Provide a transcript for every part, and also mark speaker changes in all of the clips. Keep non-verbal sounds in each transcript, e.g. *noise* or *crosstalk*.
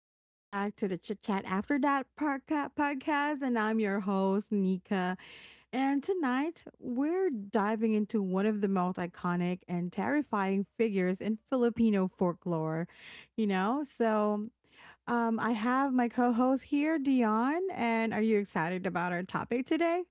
Speaker 1: welcome back to the Chit Chat After That podcast. And I'm your host, Nika. And tonight, we're diving into one of the most iconic and terrifying figures in Filipino folklore. You know, so I have my co host here, Dion. And are you excited about our topic today?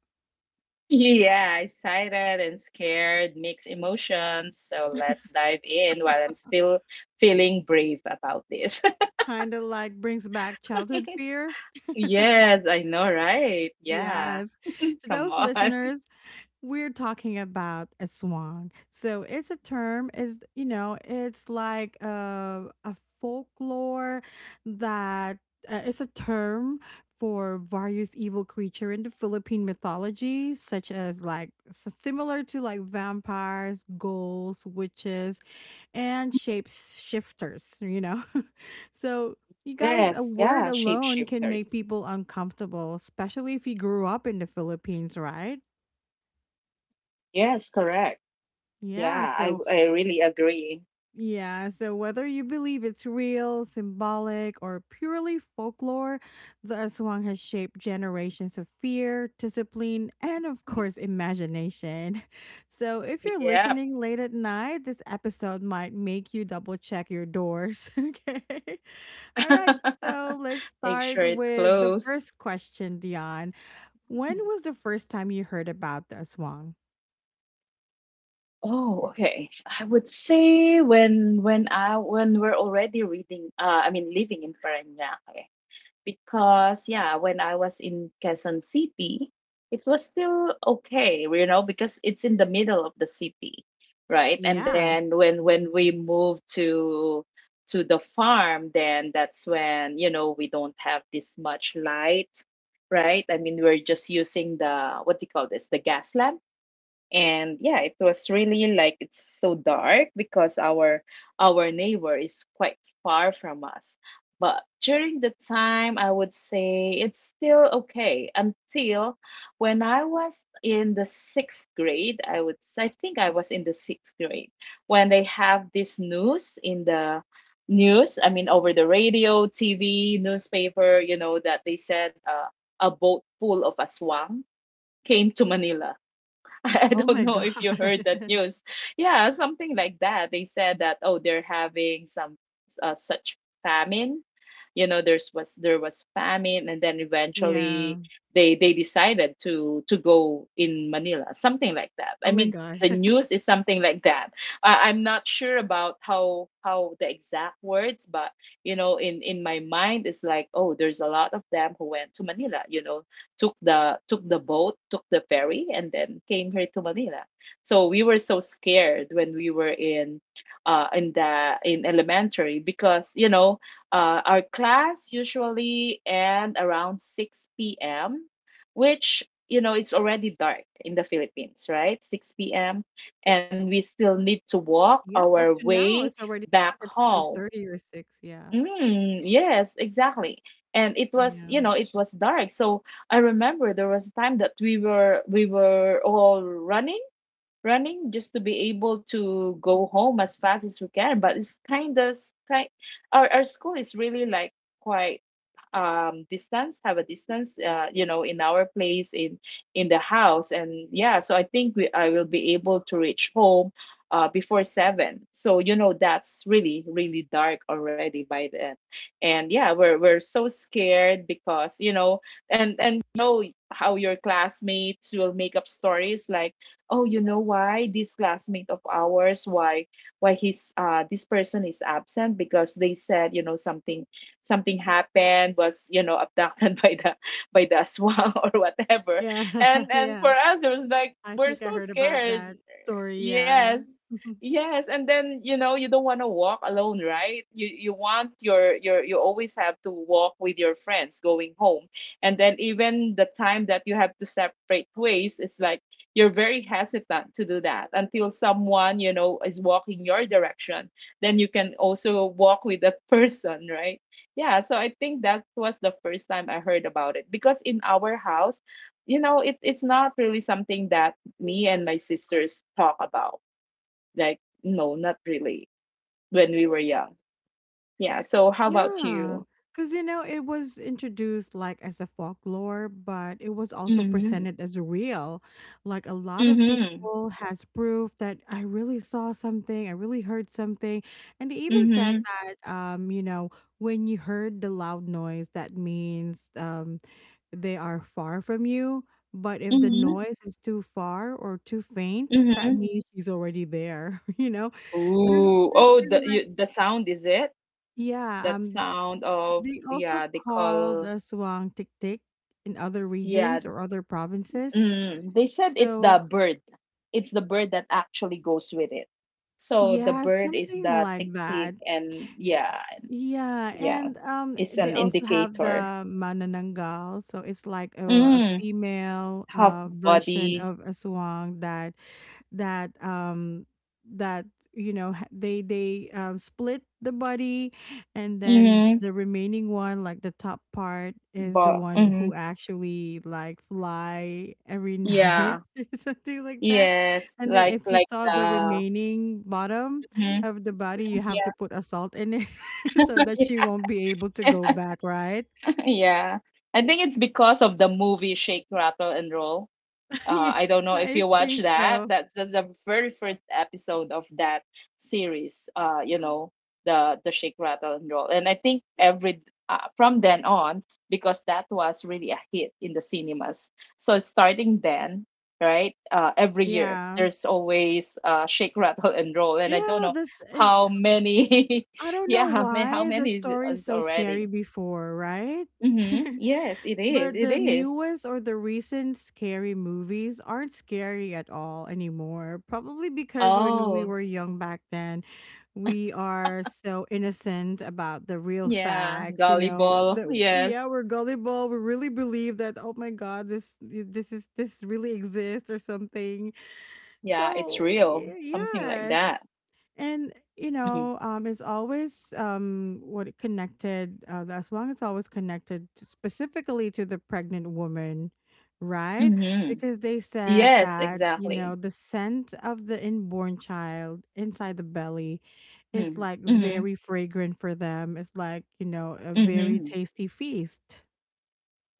Speaker 2: Yeah, excited and scared, mixed emotions. So let's dive in while I'm still feeling brave about this.
Speaker 1: Kind of like brings back childhood fear.
Speaker 2: *laughs* Yes, I know, right? Yeah,
Speaker 1: Yes. To
Speaker 2: come
Speaker 1: those
Speaker 2: on. *laughs*
Speaker 1: listeners, we're talking about a swan. So it's a term is you know, It's like a folklore that, it's a term for various evil creature in the Philippine mythology, such as like similar to like vampires, ghouls, witches and shapeshifters, you know. *laughs* So you guys, a
Speaker 2: Yes, yeah,
Speaker 1: word alone can make
Speaker 2: shapeshifters.
Speaker 1: people uncomfortable, especially if you grew up in the Philippines, right?
Speaker 2: Yes, correct. Yeah,
Speaker 1: Yeah,
Speaker 2: I
Speaker 1: so
Speaker 2: I really agree.
Speaker 1: Yeah, so whether you believe it's real, symbolic, or purely folklore, the aswang has shaped generations of fear, discipline, and of
Speaker 2: Mhm.
Speaker 1: course, imagination. *laughs* So if you're
Speaker 2: Yep.
Speaker 1: listening late at night, this episode might make you double check your doors. *laughs* Okay. All right, so
Speaker 2: *laughs*
Speaker 1: let's
Speaker 2: Make
Speaker 1: start
Speaker 2: sure it's
Speaker 1: with the
Speaker 2: closed.
Speaker 1: first question, Dion. When
Speaker 2: Mhm.
Speaker 1: was the first time you heard about the aswang?
Speaker 2: Oh, okay. I would say when I when we're already reading, I mean living in Parañaque. Because yeah, when I was in Quezon City, it was still okay, you know, because it's in the middle of the city, right? And then
Speaker 1: Yes.
Speaker 2: when we moved to the farm, then that's when, you know, we don't have this much light, right? I mean, we're just using the, what do you call this, the gas lamp. And yeah, it was really like it's so dark because our neighbor is quite far from us. But during the time, I would say it's still okay, until when I was in the sixth grade. I think I was in the sixth grade when they have this news in the news, I mean over the radio, TV, newspaper, you know, that they said a boat full of aswang came to Manila. *laughs* I
Speaker 1: Oh
Speaker 2: don't
Speaker 1: my
Speaker 2: know if you
Speaker 1: God.
Speaker 2: heard that
Speaker 1: *laughs*
Speaker 2: news. Yeah, something like that. They said that, oh, they're having some such famine, you know, there was famine, and then
Speaker 1: Yeah.
Speaker 2: eventually they decided to go in Manila, something like that.
Speaker 1: Oh
Speaker 2: I
Speaker 1: my
Speaker 2: mean,
Speaker 1: god.
Speaker 2: the news
Speaker 1: *laughs*
Speaker 2: is something like that. I'm not sure about how the exact words, but you know, in my mind it's like, oh, there's a lot of them who went to Manila, you know, took the boat, took the ferry, and then came here to Manila. So we were so scared when we were in the in elementary, because our class usually end around 6 p.m., which, you know, it's already dark in the Philippines, right? 6 p.m. And we still need to walk
Speaker 1: Yes, up
Speaker 2: our
Speaker 1: to now,
Speaker 2: way
Speaker 1: it's already
Speaker 2: back
Speaker 1: dark at
Speaker 2: home.
Speaker 1: 5:30 or 6, yeah.
Speaker 2: Mm, yes, exactly. And it was, you
Speaker 1: Yeah.
Speaker 2: know, it was dark. So I remember there was a time that we were all running just to be able to go home as fast as we can. But it's kind, our, school is really like quite distance, have a distance, you know, in our place, in the house. And yeah, so I think we I will be able to reach home before seven, so you know that's really really dark already by then. And yeah, we're so scared because you know. And you know how your classmates will make up stories like, oh, you know, why this classmate of ours, why he's, this person is absent, because they said, you know, something, something happened, was, you know, abducted *laughs* by the swan *laughs* or whatever.
Speaker 1: Yeah,
Speaker 2: and
Speaker 1: *laughs*
Speaker 2: and for
Speaker 1: yeah.
Speaker 2: us it was like
Speaker 1: I
Speaker 2: we're
Speaker 1: think I
Speaker 2: so
Speaker 1: heard about
Speaker 2: scared.
Speaker 1: that story, yeah.
Speaker 2: Yes.
Speaker 1: *laughs*
Speaker 2: Yes. And then, you know, you don't want to walk alone, right? You, want your you always have to walk with your friends going home. And then even the time that you have to separate ways, it's like you're very hesitant to do that until someone, you know, is walking your direction, then you can also walk with that *laughs* person, right? Yeah, so I think that was the first time I heard about it, because in our house, you know, it's not really something that me and my sisters talk about. Like, no, not really, when we were young. Yeah, so how about
Speaker 1: Yeah,
Speaker 2: you?
Speaker 1: because you know, it was introduced, like, as a folklore, but it was also
Speaker 2: Mm-hmm.
Speaker 1: presented as real. Like, a lot of
Speaker 2: Mm-hmm.
Speaker 1: people has proof that, "I really saw something, I really heard something," and they even said
Speaker 2: Mm-hmm.
Speaker 1: that, you know, when you heard the loud noise, that means, um, they are far from you. But if the
Speaker 2: Mm-hmm.
Speaker 1: noise is too far or too faint, that
Speaker 2: Mm-hmm.
Speaker 1: means she's already there. *laughs* You know, there's
Speaker 2: Ooh.
Speaker 1: there's
Speaker 2: Oh, the,
Speaker 1: been like,
Speaker 2: the sound, is it?
Speaker 1: yeah,
Speaker 2: That sound of,
Speaker 1: they also
Speaker 2: yeah, they
Speaker 1: called
Speaker 2: call,
Speaker 1: a swang tik tik in other
Speaker 2: yeah.
Speaker 1: regions or other provinces.
Speaker 2: Mm, they said it's the
Speaker 1: So
Speaker 2: bird, that actually goes with it. So the
Speaker 1: yeah,
Speaker 2: bird is
Speaker 1: something
Speaker 2: the
Speaker 1: like
Speaker 2: tick tick,
Speaker 1: that.
Speaker 2: and yeah.
Speaker 1: Yeah,
Speaker 2: Yeah,
Speaker 1: and
Speaker 2: it's
Speaker 1: they
Speaker 2: an
Speaker 1: also have
Speaker 2: indicator.
Speaker 1: the manananggal, so it's like a
Speaker 2: Mm,
Speaker 1: female
Speaker 2: half
Speaker 1: version
Speaker 2: body.
Speaker 1: of aswang that, that, um, that, you know, they split the body, and then
Speaker 2: Mm,
Speaker 1: the remaining one, like the top part, is the
Speaker 2: but
Speaker 1: one who
Speaker 2: mm,
Speaker 1: actually like fly every *laughs* night
Speaker 2: yeah,
Speaker 1: or something like that.
Speaker 2: yes,
Speaker 1: And then
Speaker 2: like
Speaker 1: if you saw the
Speaker 2: the
Speaker 1: remaining bottom
Speaker 2: mhm,
Speaker 1: of the body, you have to
Speaker 2: yeah.
Speaker 1: put a salt in it *laughs* so that she
Speaker 2: *laughs*
Speaker 1: won't be able to go back, right?
Speaker 2: Yeah, I think it's because of the movie Shake Rattle and Roll.
Speaker 1: *laughs* Yeah,
Speaker 2: I don't know if
Speaker 1: I
Speaker 2: you watch
Speaker 1: think
Speaker 2: that.
Speaker 1: so.
Speaker 2: That's the very first episode of that series. You know, the Shake Rattle and Roll, and I think every, from then on, because that was really a hit in the cinemas. So starting then, right? Every year
Speaker 1: Yeah,
Speaker 2: there's always, Shake Rattle and Roll, and I don't
Speaker 1: yeah,
Speaker 2: know
Speaker 1: that's, and
Speaker 2: how many.
Speaker 1: I
Speaker 2: *laughs*
Speaker 1: don't know
Speaker 2: Yeah, how many,
Speaker 1: why the story is
Speaker 2: is
Speaker 1: so scary
Speaker 2: already?
Speaker 1: before, right?
Speaker 2: Mm-hmm.
Speaker 1: *laughs*
Speaker 2: Yes, it is.
Speaker 1: But
Speaker 2: It
Speaker 1: the
Speaker 2: is.
Speaker 1: newest or the recent scary movies aren't scary at all anymore. Probably because when we
Speaker 2: Oh.
Speaker 1: were young back then, we are so innocent about the real
Speaker 2: Yeah,
Speaker 1: facts, you know,
Speaker 2: volleyball.
Speaker 1: that yeah,
Speaker 2: Yes.
Speaker 1: we're gullible, we really believe that oh my god, this really exists or something.
Speaker 2: Yeah, it's
Speaker 1: So,
Speaker 2: real. Something like
Speaker 1: yes,
Speaker 2: that.
Speaker 1: and you know, um, it's always, um, what it connected, as long as it's always connected to, specifically to the pregnant woman, right?
Speaker 2: Mm-hmm.
Speaker 1: Because they said
Speaker 2: Yes,
Speaker 1: that you know
Speaker 2: exactly.
Speaker 1: the scent of the inborn child inside the belly
Speaker 2: Mm-hmm.
Speaker 1: is like
Speaker 2: Mm-hmm.
Speaker 1: very fragrant for them, it's like you know a very
Speaker 2: Mm-hmm.
Speaker 1: tasty feast.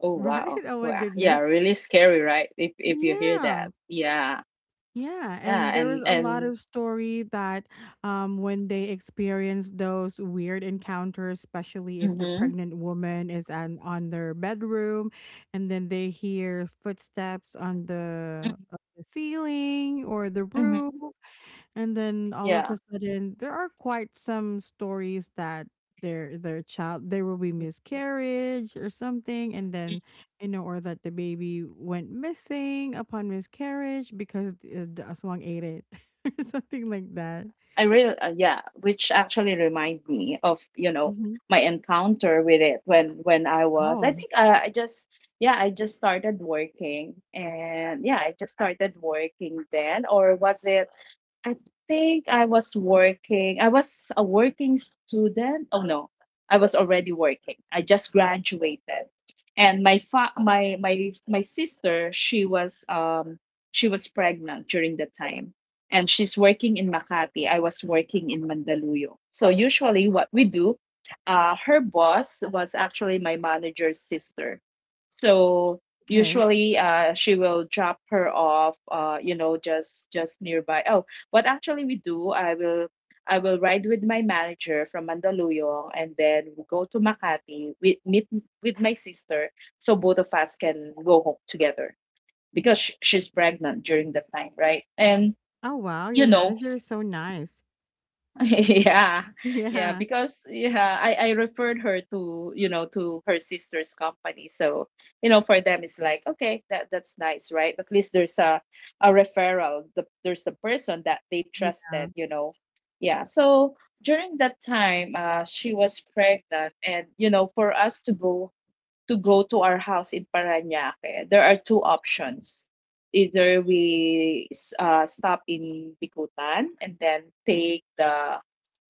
Speaker 2: Oh,
Speaker 1: Right,
Speaker 2: wow.
Speaker 1: oh my
Speaker 2: Wow. Yeah,
Speaker 1: goodness,
Speaker 2: really scary, right? If you hear
Speaker 1: yeah.
Speaker 2: that. Yeah.
Speaker 1: Yeah,
Speaker 2: Yeah,
Speaker 1: and there was a lot
Speaker 2: and
Speaker 1: of story that, when they experience those weird encounters, especially if the
Speaker 2: mm-hmm.
Speaker 1: pregnant woman is an, on their bedroom, and then they hear footsteps
Speaker 2: Mm-hmm.
Speaker 1: on the ceiling or the roof.
Speaker 2: Mm-hmm.
Speaker 1: And then all of a
Speaker 2: Yeah.
Speaker 1: sudden, there are quite some stories that their child, there will be miscarriage or something, and then you know, or that the baby went missing upon miscarriage because the aswang ate it *laughs* or something like that.
Speaker 2: I really, yeah, which actually remind me of, you know,
Speaker 1: Hmm.
Speaker 2: my encounter with it when I was. I
Speaker 1: Oh,
Speaker 2: think I just, yeah, I just started working. And yeah, I just started working then, or was it, I think I was working. I was a working student. Oh no, I was already working. I just graduated, and my sister, she was pregnant during that time, and she's working in Makati. I was working in Mandaluyong. So usually, what we do, her boss was actually my manager's sister. So
Speaker 1: okay.
Speaker 2: usually, she will drop her off. You know, just nearby. Oh, what actually we do, I will ride with my manager from Mandaluyong, and then we go to Makati, we meet with my sister so both of us can go home together, because she's pregnant during that time, right? And
Speaker 1: Oh wow,
Speaker 2: you
Speaker 1: your
Speaker 2: know,
Speaker 1: manager is so nice.
Speaker 2: *laughs* yeah,
Speaker 1: *laughs*
Speaker 2: yeah,
Speaker 1: Yeah,
Speaker 2: because yeah, I referred her to, you know, to her sister's company. So, you know, for them it's like, okay, that that's nice, right? At least there's a referral. There's the person that they trusted,
Speaker 1: yeah.
Speaker 2: you know. Yeah. So during that time, she was pregnant, and you know, for us to go to our house in Parañaque, there are two options. Either we stop in Bicutan and then take the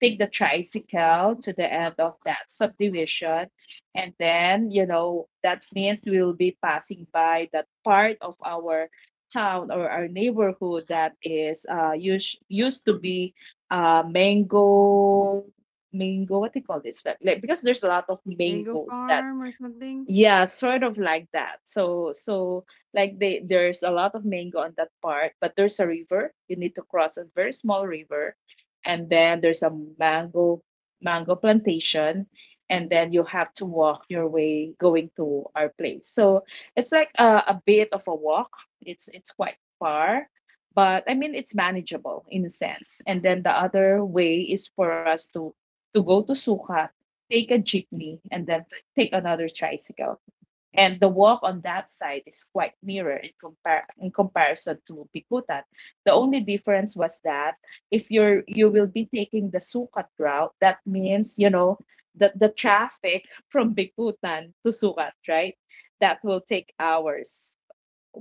Speaker 2: tricycle to the end of that subdivision, and then you know that means we will be passing by that part of our town or our neighborhood that is, used to be, mango, what do you call this, like, because there's a lot of
Speaker 1: Mango
Speaker 2: mangoes that,
Speaker 1: farm or something.
Speaker 2: yeah, sort of like that. So so like they, there's a lot of mango on that part, but there's a river. You need to cross a very small river, and then there's a mango plantation, and then you have to walk your way going to our place. So it's like a bit of a walk. It's quite far, but I mean it's manageable in a sense. And then the other way is for us to go to Sukat, take a jeepney, and then take another tricycle. And the walk on that side is quite nearer in, in comparison to Bikutan. The only difference was that if you're, you will be taking the Sukat route, that means you know the, traffic *laughs* from Bikutan to Sukat, right? That will take hours,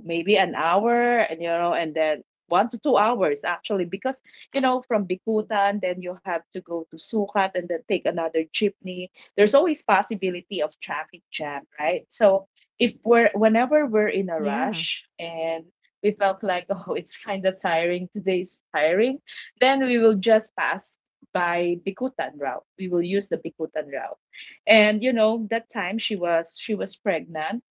Speaker 2: maybe an hour, and you know, and then 1 to 2 hours actually, because you know, from Bikutan then you have to go to Sukat and then take another jeepney. There's always possibility of traffic jam, right? So if we're, whenever we're in a
Speaker 1: Yeah.
Speaker 2: rush and we felt like *laughs* oh it's kind of tiring, today's tiring, then we will just pass by Bikutan route, we will use the Bikutan route. And you know that time she was pregnant,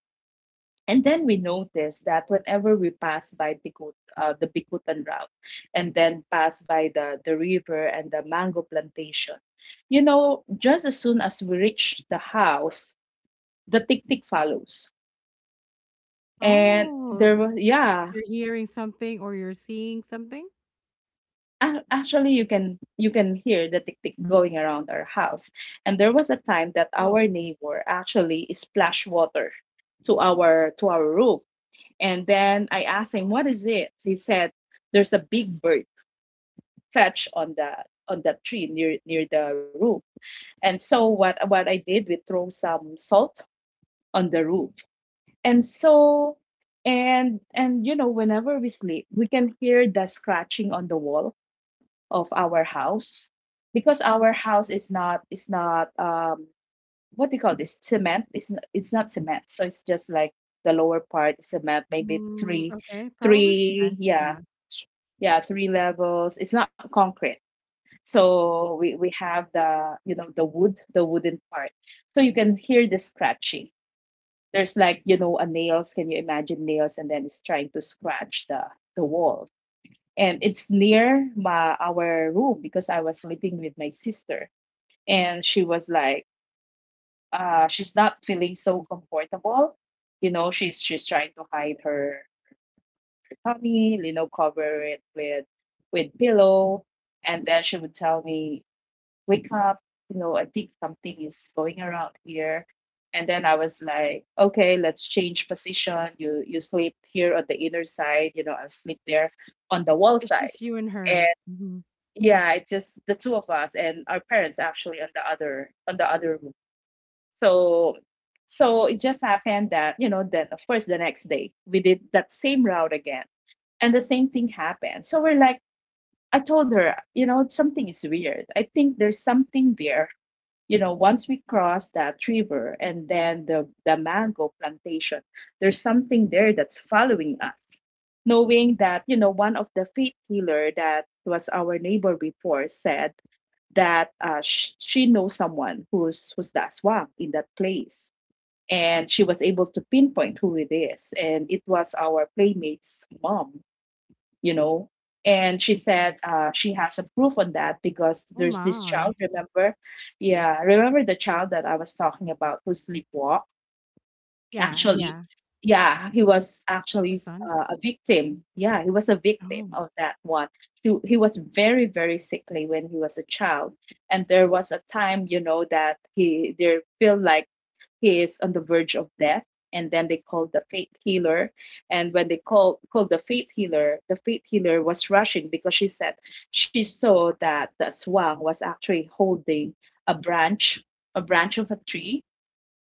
Speaker 2: and then we noticed that whenever we pass by the Bicutan route, and then pass by the, river and the mango plantation, you know, just as soon as we reach the house, the tick tick follows. And
Speaker 1: Oh,
Speaker 2: there was,
Speaker 1: like
Speaker 2: yeah,
Speaker 1: you're hearing something or you're seeing something.
Speaker 2: actually you can, hear the tick tick going around our house. And there was a time that our
Speaker 1: Oh.
Speaker 2: neighbor actually splashed water to our roof. And then I asked him, what is it? He said, there's a big bird fetch on the on that tree near the roof. And so what I did, we throw some salt on the roof. And so and you know, whenever we sleep, we can hear the scratching on the wall of our house, because our house is not what do you call this, cement, it's not cement, so it's just like the lower part is cement, maybe
Speaker 1: Mm,
Speaker 2: three,
Speaker 1: okay, probably
Speaker 2: three
Speaker 1: cement,
Speaker 2: yeah
Speaker 1: yeah.
Speaker 2: yeah three levels, it's not concrete. So we, have the, you know, the wood, the wooden part. So you can hear the scratching. There's like, a nails. Can you imagine nails? And then it's trying to scratch the wall. And it's near my our room because I was sleeping with my sister, and she was like, she's not feeling so comfortable. You know, she's trying to hide her tummy, you know, cover it with pillow. And then she would tell me, wake up, you know, I think something is going around here. And then I was like, okay, let's change position. You sleep here on the inner side, you know, I'll sleep there on the wall
Speaker 1: It's
Speaker 2: side.
Speaker 1: just you and
Speaker 2: And
Speaker 1: her. Mhm.
Speaker 2: yeah, it just the two of us, and our parents actually on the other room. So it just happened that, you know, then of course the next day we did that same route again. And the same thing happened. So we're like, I told her, you know, something is weird. I think there's something there, you know, once we cross that river and then the mango plantation, there's something there that's following us. Knowing that, one of the faith healer that was our neighbor before said that, she knows someone who's the aswang in that place. And she was able to pinpoint who it is. And it was our playmate's mom you know. And she said, she has a proof on that because
Speaker 1: Oh
Speaker 2: there's this child,
Speaker 1: my.
Speaker 2: remember? Yeah, remember the child that I was talking about who sleepwalked?
Speaker 1: Yeah,
Speaker 2: Actually,
Speaker 1: yeah.
Speaker 2: yeah, he was
Speaker 1: That's a
Speaker 2: actually,
Speaker 1: son?
Speaker 2: a victim.
Speaker 1: Mm.
Speaker 2: Yeah, he was a victim
Speaker 1: Oh,
Speaker 2: of that one. He was very, very sickly when he was a child. And there was a time, that he there feel like he is on the verge of death, and then they called the faith healer, and when they called the faith healer, the faith healer was rushing because she said she saw that the swan was actually holding a branch, a branch of a tree,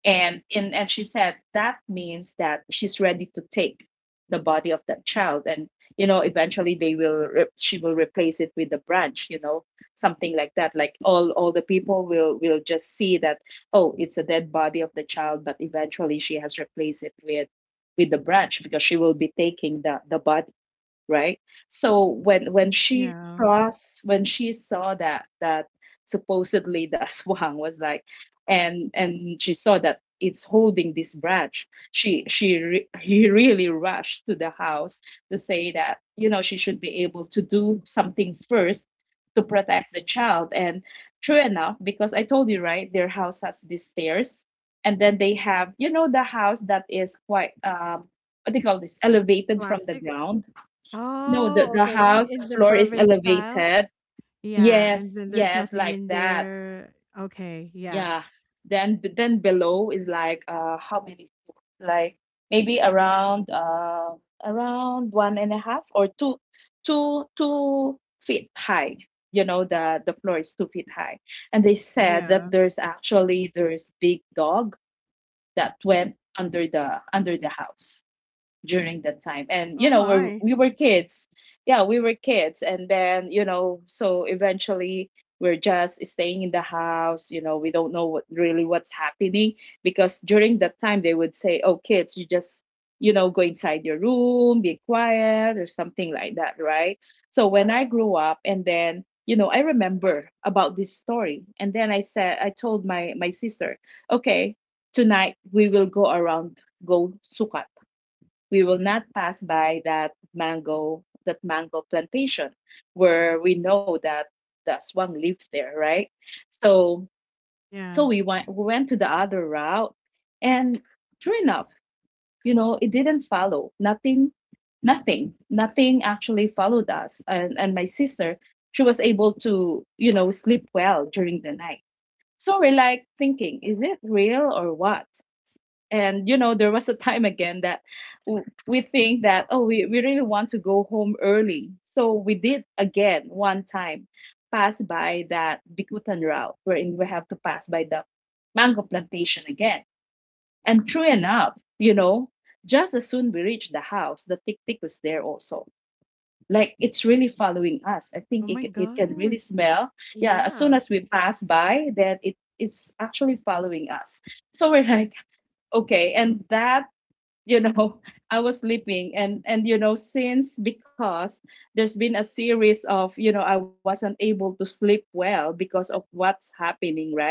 Speaker 2: and she said that means that she's ready to take the body of that child, and you know eventually they will she will replace it with a branch, you know, something like that, like all the people will just see that, oh, it's a dead body of the child, but eventually she has replaced it with the branch because she will be taking the body, right? So when she
Speaker 1: yeah.
Speaker 2: crossed, when she saw that supposedly the *laughs* aswang was like, and she saw that it's holding this branch. He really rushed to the house to say that, you know, she should be able to do something first to protect the child. And true enough, because I told you, right, their house has these stairs. And then they have, you know, the house that is quite, what do you call this,
Speaker 1: The
Speaker 2: elevated from the
Speaker 1: classic?
Speaker 2: ground. No,
Speaker 1: Oh,
Speaker 2: the
Speaker 1: okay,
Speaker 2: house,
Speaker 1: I
Speaker 2: the
Speaker 1: in the
Speaker 2: floor is
Speaker 1: province style?
Speaker 2: elevated.
Speaker 1: Yeah, and
Speaker 2: Yes,
Speaker 1: then there's
Speaker 2: yes,
Speaker 1: nothing
Speaker 2: like
Speaker 1: in
Speaker 2: that.
Speaker 1: there. Okay, yeah.
Speaker 2: Yeah. Then below is like, how many floors? Like maybe around, around one and a half or two feet high. You know, the floor is 2 feet high. And they said that
Speaker 1: Yeah.
Speaker 2: there's actually there's big dog that went under the house during that time. And
Speaker 1: Oh
Speaker 2: you know,
Speaker 1: my.
Speaker 2: we were kids. Yeah, we were kids, and then, you know, so eventually we're just staying in the house. You know, we don't know what really what's happening because during that time they would say, "Oh, kids, you just." You know, go inside your room, be quiet, or something like that, right? So when I grew up, and then, you know, I remember about this story. And then I said, I told my sister, okay, tonight we will go around, go sukat, we will not pass by that mango plantation where we know that the swan lived there, right? so so
Speaker 1: Yeah.
Speaker 2: we went to the other route, and true enough, you know, it didn't follow. Nothing, nothing, nothing actually followed us. And my sister, she was able to, you know, sleep well during the night. So we're like thinking, is it real or what? And you know, there was a time again that we think that, oh, we really want to go home early, so we did again one time pass by that bikutan route wherein we have to pass by the mango plantation again. And true enough, you know, just as soon we reached the house, the tick tick was there also, like it's really following us. I
Speaker 1: Oh
Speaker 2: think
Speaker 1: my
Speaker 2: it can really
Speaker 1: gosh.
Speaker 2: smell. Yeah, as soon
Speaker 1: Yeah.
Speaker 2: as we pass by, then it is actually following us. So we're *laughs* like, okay. And that, you know, *laughs* I was sleeping. And you know, since because there's been a series of, you know, I wasn't able to sleep well because of what's happening, right?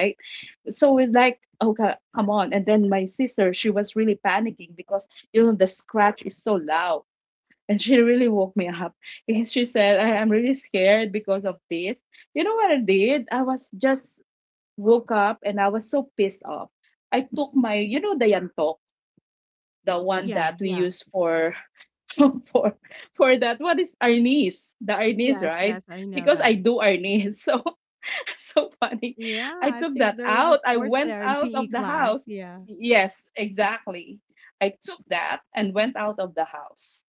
Speaker 2: So it's like, okay, come on. And then my sister, she was really panicking because, you know, the scratch is so loud. And she really woke me up *laughs* and she said, I'm really scared because of this. You know what I did? I was just woke up, and I was so pissed off. I took my, you know, the yantok, the one that
Speaker 1: Yeah,
Speaker 2: we
Speaker 1: yeah.
Speaker 2: use for *laughs* for for that. What is Arnis? The Arnis,
Speaker 1: Yes,
Speaker 2: right?
Speaker 1: yes, I know
Speaker 2: Because I
Speaker 1: that.
Speaker 2: do Arnis. *laughs* So funny.
Speaker 1: Yeah,
Speaker 2: I
Speaker 1: I
Speaker 2: took that
Speaker 1: think there was a
Speaker 2: out. I
Speaker 1: sports
Speaker 2: went
Speaker 1: there in
Speaker 2: out
Speaker 1: PE
Speaker 2: of the
Speaker 1: class.
Speaker 2: house.
Speaker 1: Yeah.
Speaker 2: Yes, exactly. I took that and went out of the house.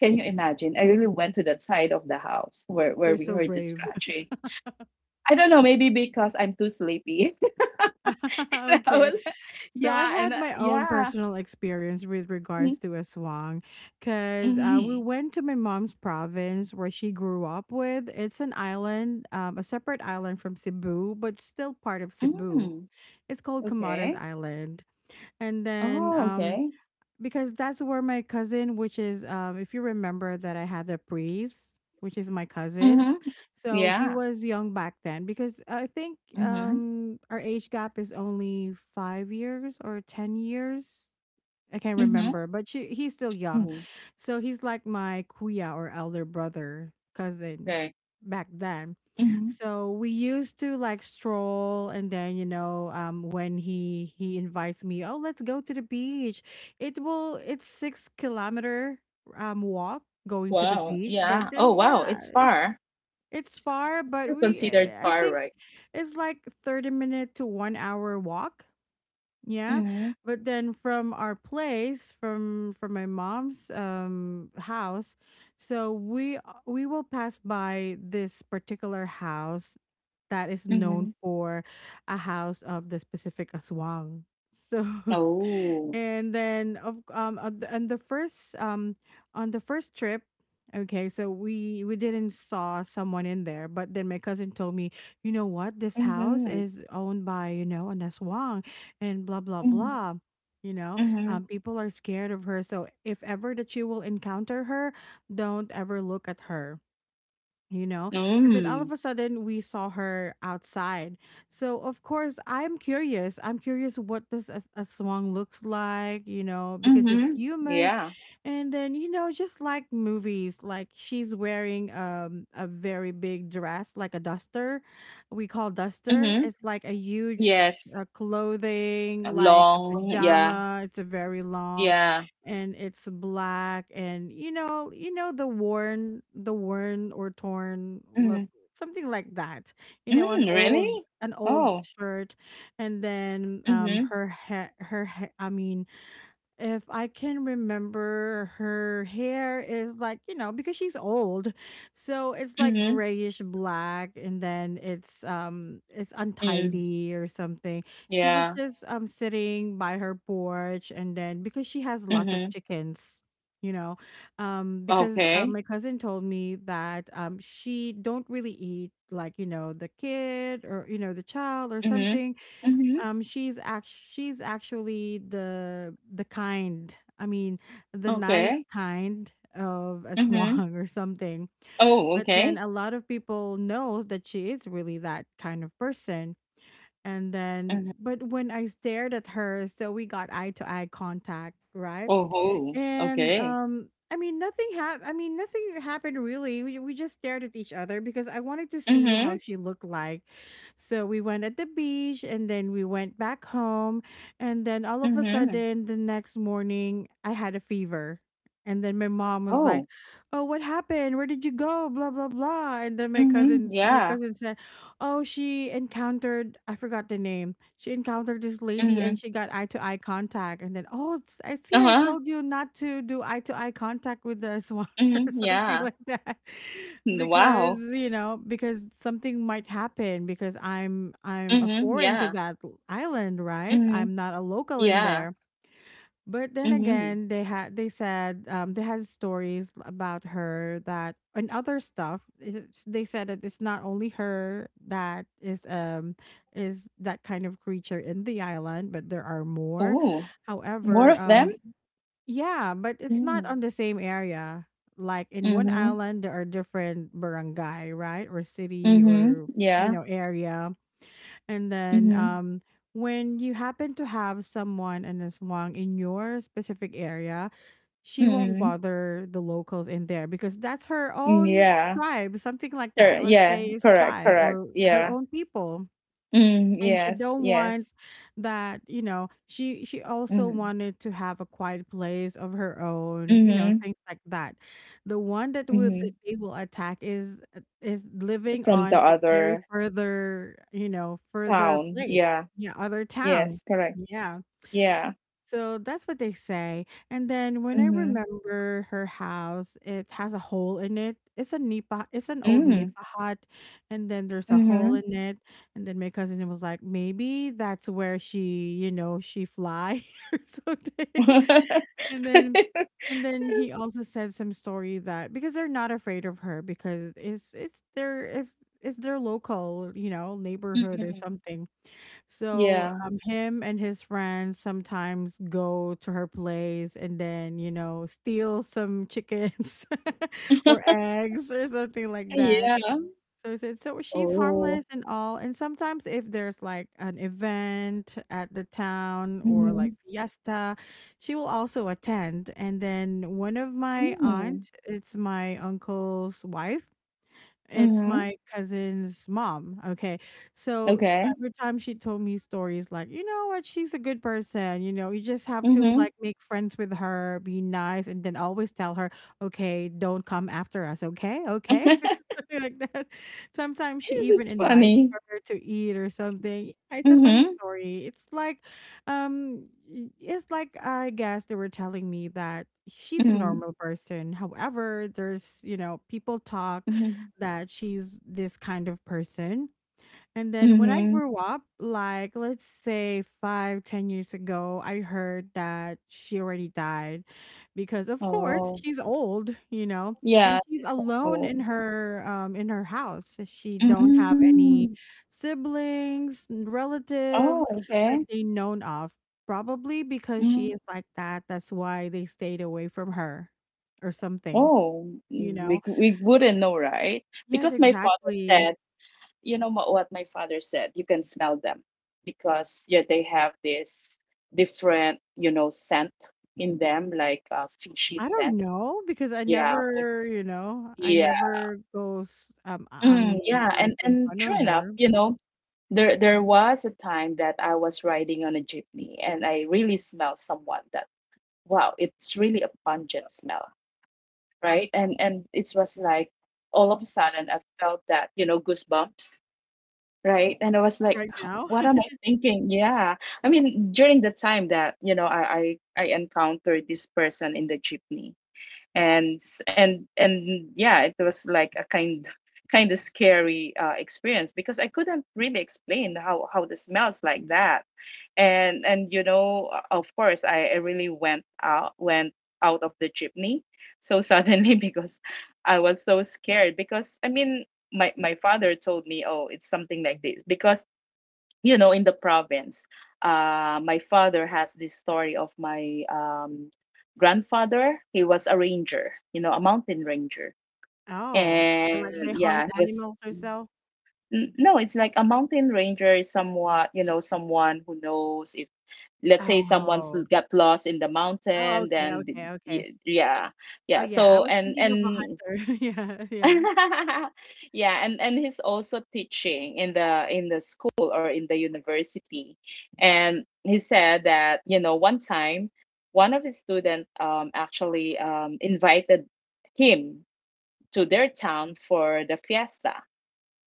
Speaker 2: Can you imagine? I really went to that side of the house where
Speaker 1: You're
Speaker 2: we
Speaker 1: so
Speaker 2: heard the
Speaker 1: brave.
Speaker 2: scratching. I don't know, maybe because I'm too sleepy.
Speaker 1: *laughs*
Speaker 2: *laughs* And I
Speaker 1: Okay.
Speaker 2: was,
Speaker 1: So I
Speaker 2: yeah, and,
Speaker 1: had my own
Speaker 2: yeah.
Speaker 1: personal experience with regards to aswang because, we
Speaker 2: Mm-hmm.
Speaker 1: went to my mom's province where she grew up with. It's an island, a separate island from Cebu, but still part of Cebu.
Speaker 2: Mm,
Speaker 1: It's called Camotes
Speaker 2: okay.
Speaker 1: Island. And then,
Speaker 2: Oh, okay.
Speaker 1: because that's where my cousin, which is, if you remember that I had the priest, which is my cousin,
Speaker 2: Mhm.
Speaker 1: so he
Speaker 2: Yeah.
Speaker 1: was young back then because I think
Speaker 2: Mhm.
Speaker 1: our age gap is only 5 years or 10 years, I can't
Speaker 2: Mhm.
Speaker 1: remember, but she, he's still young.
Speaker 2: Mhm.
Speaker 1: So he's like my kuya or elder brother
Speaker 2: Okay.
Speaker 1: cousin back then.
Speaker 2: Mhm.
Speaker 1: So we used to like stroll, and then you know when he invites me, "Oh, let's go to the beach." It's 6 kilometer walk going to the
Speaker 2: Wow.
Speaker 1: beach, but
Speaker 2: Yeah.
Speaker 1: then
Speaker 2: Oh, wow.
Speaker 1: yeah,
Speaker 2: It's
Speaker 1: it's
Speaker 2: far.
Speaker 1: it's far,
Speaker 2: It's still
Speaker 1: but we
Speaker 2: considered
Speaker 1: I
Speaker 2: far,
Speaker 1: think
Speaker 2: right?
Speaker 1: it's like 30 minute to 1 hour walk, yeah.
Speaker 2: Mhm.
Speaker 1: But then from our place, from my mom's house, so we, we will pass by this particular house that is known
Speaker 2: Mhm.
Speaker 1: for a house of the specific aswang. So *laughs*
Speaker 2: Oh.
Speaker 1: and then of on the first trip. Okay, so we didn't saw someone in there, but then my cousin told me, you know what, this house
Speaker 2: Mhm.
Speaker 1: is owned by you know an aswang, and blah blah
Speaker 2: Mhm.
Speaker 1: blah, you know,
Speaker 2: Mhm.
Speaker 1: people are scared of her, so if ever that you will encounter her, don't ever look at her, you know. And then all
Speaker 2: Mm.
Speaker 1: of a sudden we saw her outside, so of course I'm curious, I'm curious what does a swan looks like, you know, because it's
Speaker 2: Mhm.
Speaker 1: human.
Speaker 2: Yeah.
Speaker 1: And then, you know, just like movies, like she's wearing a very big dress, like a duster. We call duster.
Speaker 2: Mhm.
Speaker 1: It's like a huge,
Speaker 2: Yes.
Speaker 1: clothing,
Speaker 2: A
Speaker 1: like a
Speaker 2: long. Yeah.
Speaker 1: pajama. It's a very long,
Speaker 2: Yeah.
Speaker 1: and it's black, and you know, you know, the worn or torn
Speaker 2: Mhm.
Speaker 1: something like that. You know,
Speaker 2: Mm, really?
Speaker 1: an old
Speaker 2: Oh.
Speaker 1: shirt. And then
Speaker 2: Mhm.
Speaker 1: her hair, I mean, if I can remember, her hair is like, you know, because she's old. So it's like
Speaker 2: Mhm.
Speaker 1: grayish black and then it's
Speaker 2: Mm.
Speaker 1: untidy or something. She was
Speaker 2: Yeah.
Speaker 1: just sitting by her porch, and then because she has lots of
Speaker 2: Mhm.
Speaker 1: chickens, you know, um, because,
Speaker 2: Okay.
Speaker 1: my cousin told me that she don't really eat like, you know, the kid or you know, the child or
Speaker 2: Mhm.
Speaker 1: something.
Speaker 2: Mhm.
Speaker 1: Um, she's act she's actually the kind, I mean, the nice
Speaker 2: Okay.
Speaker 1: kind of a
Speaker 2: Mhm.
Speaker 1: swan *laughs* or something.
Speaker 2: Oh,
Speaker 1: But then
Speaker 2: okay.
Speaker 1: a lot of people knows that she is really that kind of person. And then,
Speaker 2: Mhm.
Speaker 1: but when I stared at her, so we got eye to eye contact, right?
Speaker 2: Oho,
Speaker 1: And
Speaker 2: okay.
Speaker 1: I mean, nothing happened. I mean, nothing happened really. We just stared at each other because I wanted to see how
Speaker 2: Mhm,
Speaker 1: she looked like. So we went at the beach and then we went back home. And then all of a
Speaker 2: mhm.
Speaker 1: sudden, the next morning, I had a fever. And then my mom was like,
Speaker 2: Oh,
Speaker 1: "Oh, what happened? Where did you go?" Blah blah blah. And then
Speaker 2: mhm,
Speaker 1: my
Speaker 2: yeah.
Speaker 1: cousin said, oh, she encountered, I forgot the name. She encountered this lady and
Speaker 2: Mhm.
Speaker 1: she got eye to eye contact. And then, oh, I see, I
Speaker 2: Uh-huh.
Speaker 1: told you not to do eye to eye contact with the swan *laughs* or
Speaker 2: Mhm,
Speaker 1: something
Speaker 2: yeah.
Speaker 1: like that. *laughs*
Speaker 2: N
Speaker 1: Because,
Speaker 2: wow.
Speaker 1: you know, because something might happen because I'm a
Speaker 2: Mhm,
Speaker 1: foreign to
Speaker 2: yeah.
Speaker 1: that island, right?
Speaker 2: Mhm,
Speaker 1: I'm not a local in
Speaker 2: yeah.
Speaker 1: there. But then
Speaker 2: Mhm.
Speaker 1: again, they said they had stories about her that and other stuff. It's- They said that it's not only her that is that kind of creature in the island, but there are more.
Speaker 2: Oh, more
Speaker 1: However,
Speaker 2: of them?
Speaker 1: um, yeah, but it's not
Speaker 2: Mm.
Speaker 1: on the same area. Like in one
Speaker 2: Mhm,
Speaker 1: island, there are different barangay, right, or city,
Speaker 2: mhm,
Speaker 1: or you
Speaker 2: yeah.
Speaker 1: know area. And then
Speaker 2: Mhm,
Speaker 1: when you happen to have someone an aswang in your specific area, she won't
Speaker 2: mhm.
Speaker 1: bother the locals in there because that's her own
Speaker 2: Yeah.
Speaker 1: tribe, something like
Speaker 2: Sure,
Speaker 1: that. Let's
Speaker 2: yeah,
Speaker 1: say it's
Speaker 2: correct,
Speaker 1: tribe
Speaker 2: correct.
Speaker 1: or her
Speaker 2: Yeah.
Speaker 1: own people,
Speaker 2: Mm,
Speaker 1: and she
Speaker 2: yes,
Speaker 1: don't want
Speaker 2: yes.
Speaker 1: that, you know, she also
Speaker 2: Mhm.
Speaker 1: wanted to have a quiet place of her own, you know,
Speaker 2: Mhm,
Speaker 1: things like that. The one that will that
Speaker 2: mhm.
Speaker 1: they will attack is living
Speaker 2: From the
Speaker 1: on a very
Speaker 2: other
Speaker 1: further, you know, further
Speaker 2: town,
Speaker 1: place,
Speaker 2: yeah.
Speaker 1: yeah, other town.
Speaker 2: Yes, correct.
Speaker 1: Yeah,
Speaker 2: Yeah.
Speaker 1: so that's what they say. And then when I
Speaker 2: Mhm.
Speaker 1: remember her house, it has a hole in it. It's an old Nipa
Speaker 2: Mm.
Speaker 1: hut, and then there's a hole
Speaker 2: Mhm.
Speaker 1: in it. And then my cousin was like, maybe that's where she fly *laughs* or something. And then
Speaker 2: *laughs*
Speaker 1: and then he also said some story that because they're not afraid of her because it's their if it's their local, you know, neighborhood or
Speaker 2: Mm-mm.
Speaker 1: something. So
Speaker 2: Yeah.
Speaker 1: him and his friends sometimes go to her place and then steal some chickens *laughs* or
Speaker 2: *laughs*
Speaker 1: eggs or something like that.
Speaker 2: Yeah.
Speaker 1: So he said, so she's
Speaker 2: Oh.
Speaker 1: harmless and all. And sometimes if there's like an event at the town or like
Speaker 2: Mhm.
Speaker 1: fiesta, she will also attend. And then one of my
Speaker 2: Mm.
Speaker 1: aunt, it's my uncle's wife. It's
Speaker 2: Mhm.
Speaker 1: my cousin's mom. Okay. So
Speaker 2: Okay.
Speaker 1: every time she told me stories like, you know what, she's a good person, you know, you just have to
Speaker 2: Mhm.
Speaker 1: like make friends with her, be nice, and then always tell her, okay, don't come after us. Okay. Okay.
Speaker 2: *laughs*
Speaker 1: *laughs* Something like that. Sometimes she even
Speaker 2: That's
Speaker 1: invites
Speaker 2: funny.
Speaker 1: her to eat or something. It's a funny
Speaker 2: Mhm.
Speaker 1: story. It's like, I guess they were telling me that she's a
Speaker 2: Mhm.
Speaker 1: normal person. However, there's people talk
Speaker 2: Mhm.
Speaker 1: that she's this kind of person. And then when I
Speaker 2: Mhm.
Speaker 1: grew up, like let's say five, 10 years ago, I heard that she already died because of course
Speaker 2: Oh.
Speaker 1: she's old, you know,
Speaker 2: Yeah,
Speaker 1: and she's
Speaker 2: it's quite
Speaker 1: alone in
Speaker 2: old.
Speaker 1: her house. She don't have
Speaker 2: Mm.
Speaker 1: any siblings,
Speaker 2: Oh,
Speaker 1: relatives
Speaker 2: okay.
Speaker 1: that they known of. Probably because she
Speaker 2: Mm.
Speaker 1: is like that. That's why they stayed away from her or something,
Speaker 2: Oh,
Speaker 1: you
Speaker 2: we
Speaker 1: know.
Speaker 2: we wouldn't know, right?
Speaker 1: Yes,
Speaker 2: Because my father
Speaker 1: exactly.
Speaker 2: said, what my father said, you can smell them because, yeah, they have this different, you know, scent in them, like, fishy
Speaker 1: I
Speaker 2: scent.
Speaker 1: don't know because I
Speaker 2: Yeah,
Speaker 1: never, you know, I
Speaker 2: yeah,
Speaker 1: never go s I
Speaker 2: mm,
Speaker 1: mean,
Speaker 2: yeah.
Speaker 1: like,
Speaker 2: and
Speaker 1: in
Speaker 2: and
Speaker 1: front
Speaker 2: true
Speaker 1: of
Speaker 2: enough,
Speaker 1: her
Speaker 2: you know, there was a time that I was riding on a jeepney, and I really smelled someone that, wow, it's really a pungent smell. Right, and it was like, all of a sudden I felt that, you know, goosebumps. Right. And I was like,
Speaker 1: right now.
Speaker 2: what am
Speaker 1: *laughs*
Speaker 2: I thinking? Yeah. I mean, during the time that, you know, I encountered this person in the jeepney, and, s- and yeah, it was like a kind of scary, experience because I couldn't really explain how, the smells like that. And you know, of course I really went out, went out of the jeepney so suddenly *laughs* because I was so scared because I mean my father told me, oh, it's something like this because, you know, in the province, my father has this story of my, grandfather. He was a ranger, you know, a mountain ranger.
Speaker 1: Oh, okay,
Speaker 2: And
Speaker 1: like, they hunt
Speaker 2: yeah, he was,
Speaker 1: animals or so?
Speaker 2: no, it's like a mountain ranger is somewhat, you know, someone who knows, let's say someone's
Speaker 1: Oh.
Speaker 2: got lost in the
Speaker 1: Oh,
Speaker 2: mountain,
Speaker 1: okay, okay, okay.
Speaker 2: yeah,
Speaker 1: Oh,
Speaker 2: yeah,
Speaker 1: yeah, I
Speaker 2: so,
Speaker 1: was thinking of a
Speaker 2: and
Speaker 1: hunter. *laughs* Yeah, yeah.
Speaker 2: *laughs* yeah, and he's also teaching in the school or in the university. And he said that, you know, one time one of his students, actually, invited him to their town for the fiesta,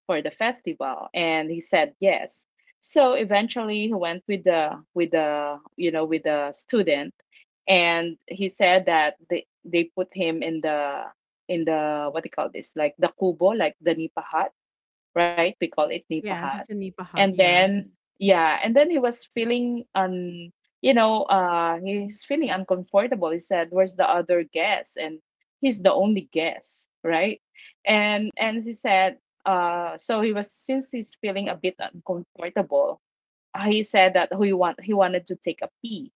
Speaker 2: for the festival, and he said yes. So eventually he went with the you know with the student. And he said that they put him in the, what do you call this, like the kubo, like the nipaha, right? We call it nipahat.
Speaker 1: Yeah, it's a nipa
Speaker 2: And
Speaker 1: hut, yeah.
Speaker 2: then, yeah, and then he was feeling you know, he's feeling uncomfortable. He said, "Where's the other guest?" And he's the only guest, right? And he said, so he was, since he's feeling a bit uncomfortable. He said that he wanted to take a pee,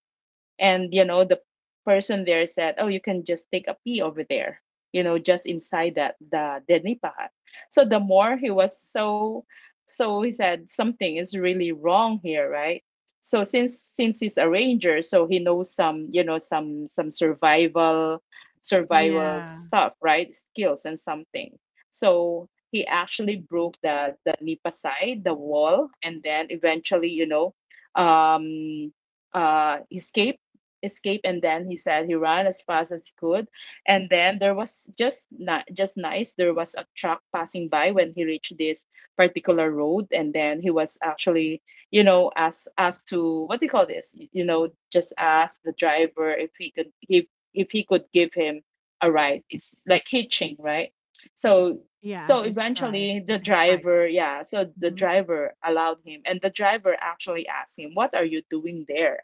Speaker 2: and you know the person there said, "Oh, you can just take a pee over there, you know, just inside that the nipahat." So the more he was so he said something is really wrong here, right? So since he's a ranger, so he knows some, you know, some survival
Speaker 1: Yeah.
Speaker 2: stuff, right? Skills and something. So he actually broke the nipa side, the wall, and then eventually, you know, um escaped. Escape And then he said he ran as fast as he could. And then there was just not just nice, there was a truck passing by when he reached this particular road. And then he was actually, you know, asked to, what do you call this, you know, just asked the driver if he could, if he could give him a ride. It's like hitching, right? so
Speaker 1: Yeah,
Speaker 2: so eventually the
Speaker 1: I hitchhiked.
Speaker 2: driver, yeah, so the
Speaker 1: Mhm.
Speaker 2: driver allowed him, and the driver actually asked him, "What are you doing there?"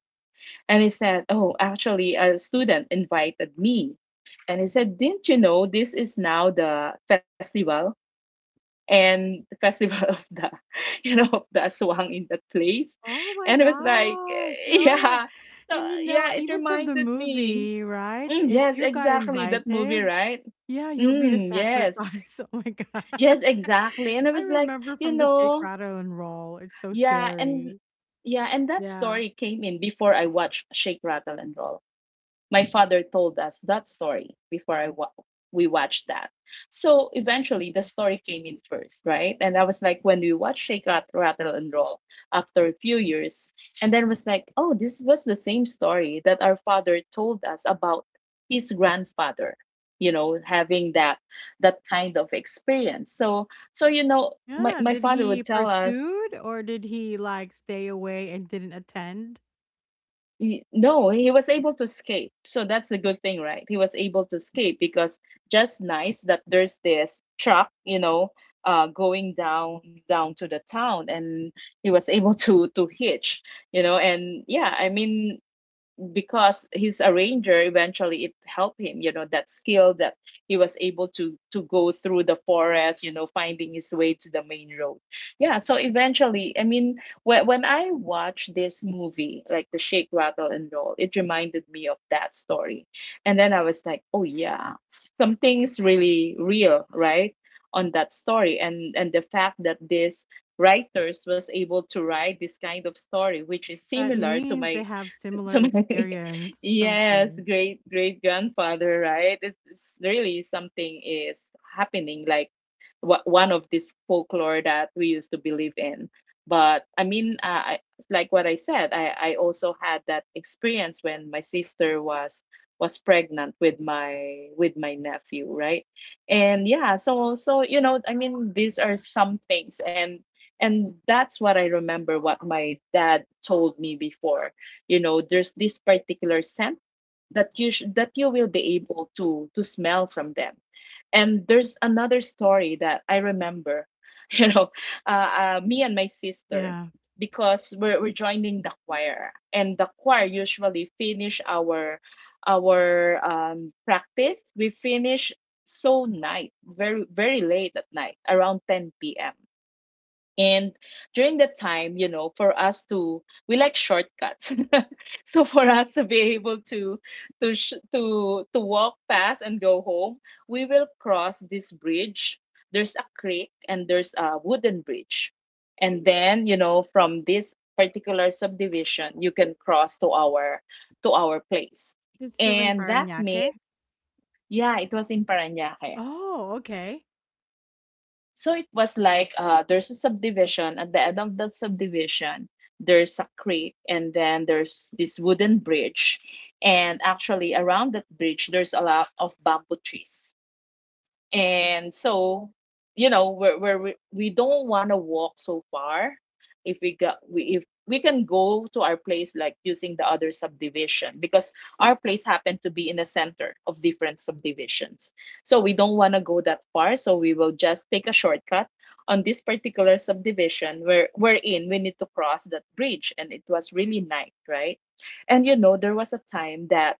Speaker 2: And he said, "Oh, actually, a student invited me." And he said, "Didn't you know this is now the festival? And the festival of the, *laughs* you know, of the aswang in that place."
Speaker 1: Oh
Speaker 2: And it
Speaker 1: my
Speaker 2: was like,
Speaker 1: gosh,
Speaker 2: *laughs*
Speaker 1: yeah,
Speaker 2: yeah. So,
Speaker 1: and, you
Speaker 2: yeah,
Speaker 1: know,
Speaker 2: it
Speaker 1: even from the
Speaker 2: reminded me.
Speaker 1: movie, right?
Speaker 2: Mm,
Speaker 1: If
Speaker 2: yes,
Speaker 1: you got
Speaker 2: exactly. That movie,
Speaker 1: invited.
Speaker 2: right?
Speaker 1: Yeah, you'll be the
Speaker 2: Mm, yes.
Speaker 1: sacrifice. *laughs* Oh my god.
Speaker 2: Yes, exactly. And I
Speaker 1: *laughs* I
Speaker 2: was like,
Speaker 1: remember
Speaker 2: you
Speaker 1: from the Shake,
Speaker 2: know,
Speaker 1: Rattle, and Roll. It's so
Speaker 2: yeah. And
Speaker 1: scary.
Speaker 2: yeah, and that
Speaker 1: Yeah.
Speaker 2: story came in before I watched Shake, Rattle, and Roll. My father told us that story before we watched that. So eventually, the story came in first, right? And I was like, when we watched Rattle, and Roll after a few years, and then was like, oh, this was the same story that our father told us about his grandfather, you know, having that, that kind of experience. So, so you know my,
Speaker 1: Yeah.
Speaker 2: my
Speaker 1: Did
Speaker 2: father would
Speaker 1: he
Speaker 2: tell us.
Speaker 1: pursued or did he like stay away and didn't attend?
Speaker 2: No, he was able to escape. So that's the good thing, right? He was able to escape because just nice that there's this truck, you know, going down to the town, and he was able *laughs* to hitch, you know. And yeah, I mean, because his arranger eventually it helped him, you know, that skill that he was able to go through the forest, you know, finding his way to the main road. Yeah, so eventually, I mean, when I watched this movie like the Shake Rattle and Roll, it reminded me of that story. And then I was like, oh yeah, something's really real, right, on that story. And the fact that this writers was able to write this kind of story, which is
Speaker 1: That
Speaker 2: similar to
Speaker 1: means
Speaker 2: my,
Speaker 1: they have similar
Speaker 2: to my *laughs*
Speaker 1: experience,
Speaker 2: yes,
Speaker 1: something.
Speaker 2: great grandfather, right. It's really something is happening, like, one of this folklore that we used to believe in. But I mean, like what I said, I also had that experience when my sister was, pregnant with my, with my nephew, right. And yeah, so so you know I mean these are some things. And that's what I remember what my dad told me before, you know, there's this particular scent that that you will be able to smell from them. And there's another story that I remember *laughs* you know, me and my sister,
Speaker 1: Yeah.
Speaker 2: because we're joining the choir, and the choir usually finish our practice, we finish so night, very late at night, around 10 p.m. And during that time, you know, for us to, we like shortcuts. *laughs* So for us to be able to, to walk past and go home, we will cross this bridge. There's a creek and there's a wooden bridge. And then, you know, from this particular subdivision, you can cross to our, to our place.
Speaker 1: Is still in
Speaker 2: And that
Speaker 1: Paranaque?
Speaker 2: means, yeah, it was in Parañaque.
Speaker 1: Oh, okay.
Speaker 2: So it was like, there's a subdivision. At the end of that subdivision, there's a creek, and then there's this wooden bridge. And actually, around that bridge, there's a lot of bamboo trees. And so you know we don't want to walk so far if we got we if we can go to our place like using the other subdivision, because our place happened to be in the center of different subdivisions, so we don't want to go that far, so we will just take a shortcut on this particular subdivision where we're in, we need to cross that bridge. And it was really night, right? And you know there was a time that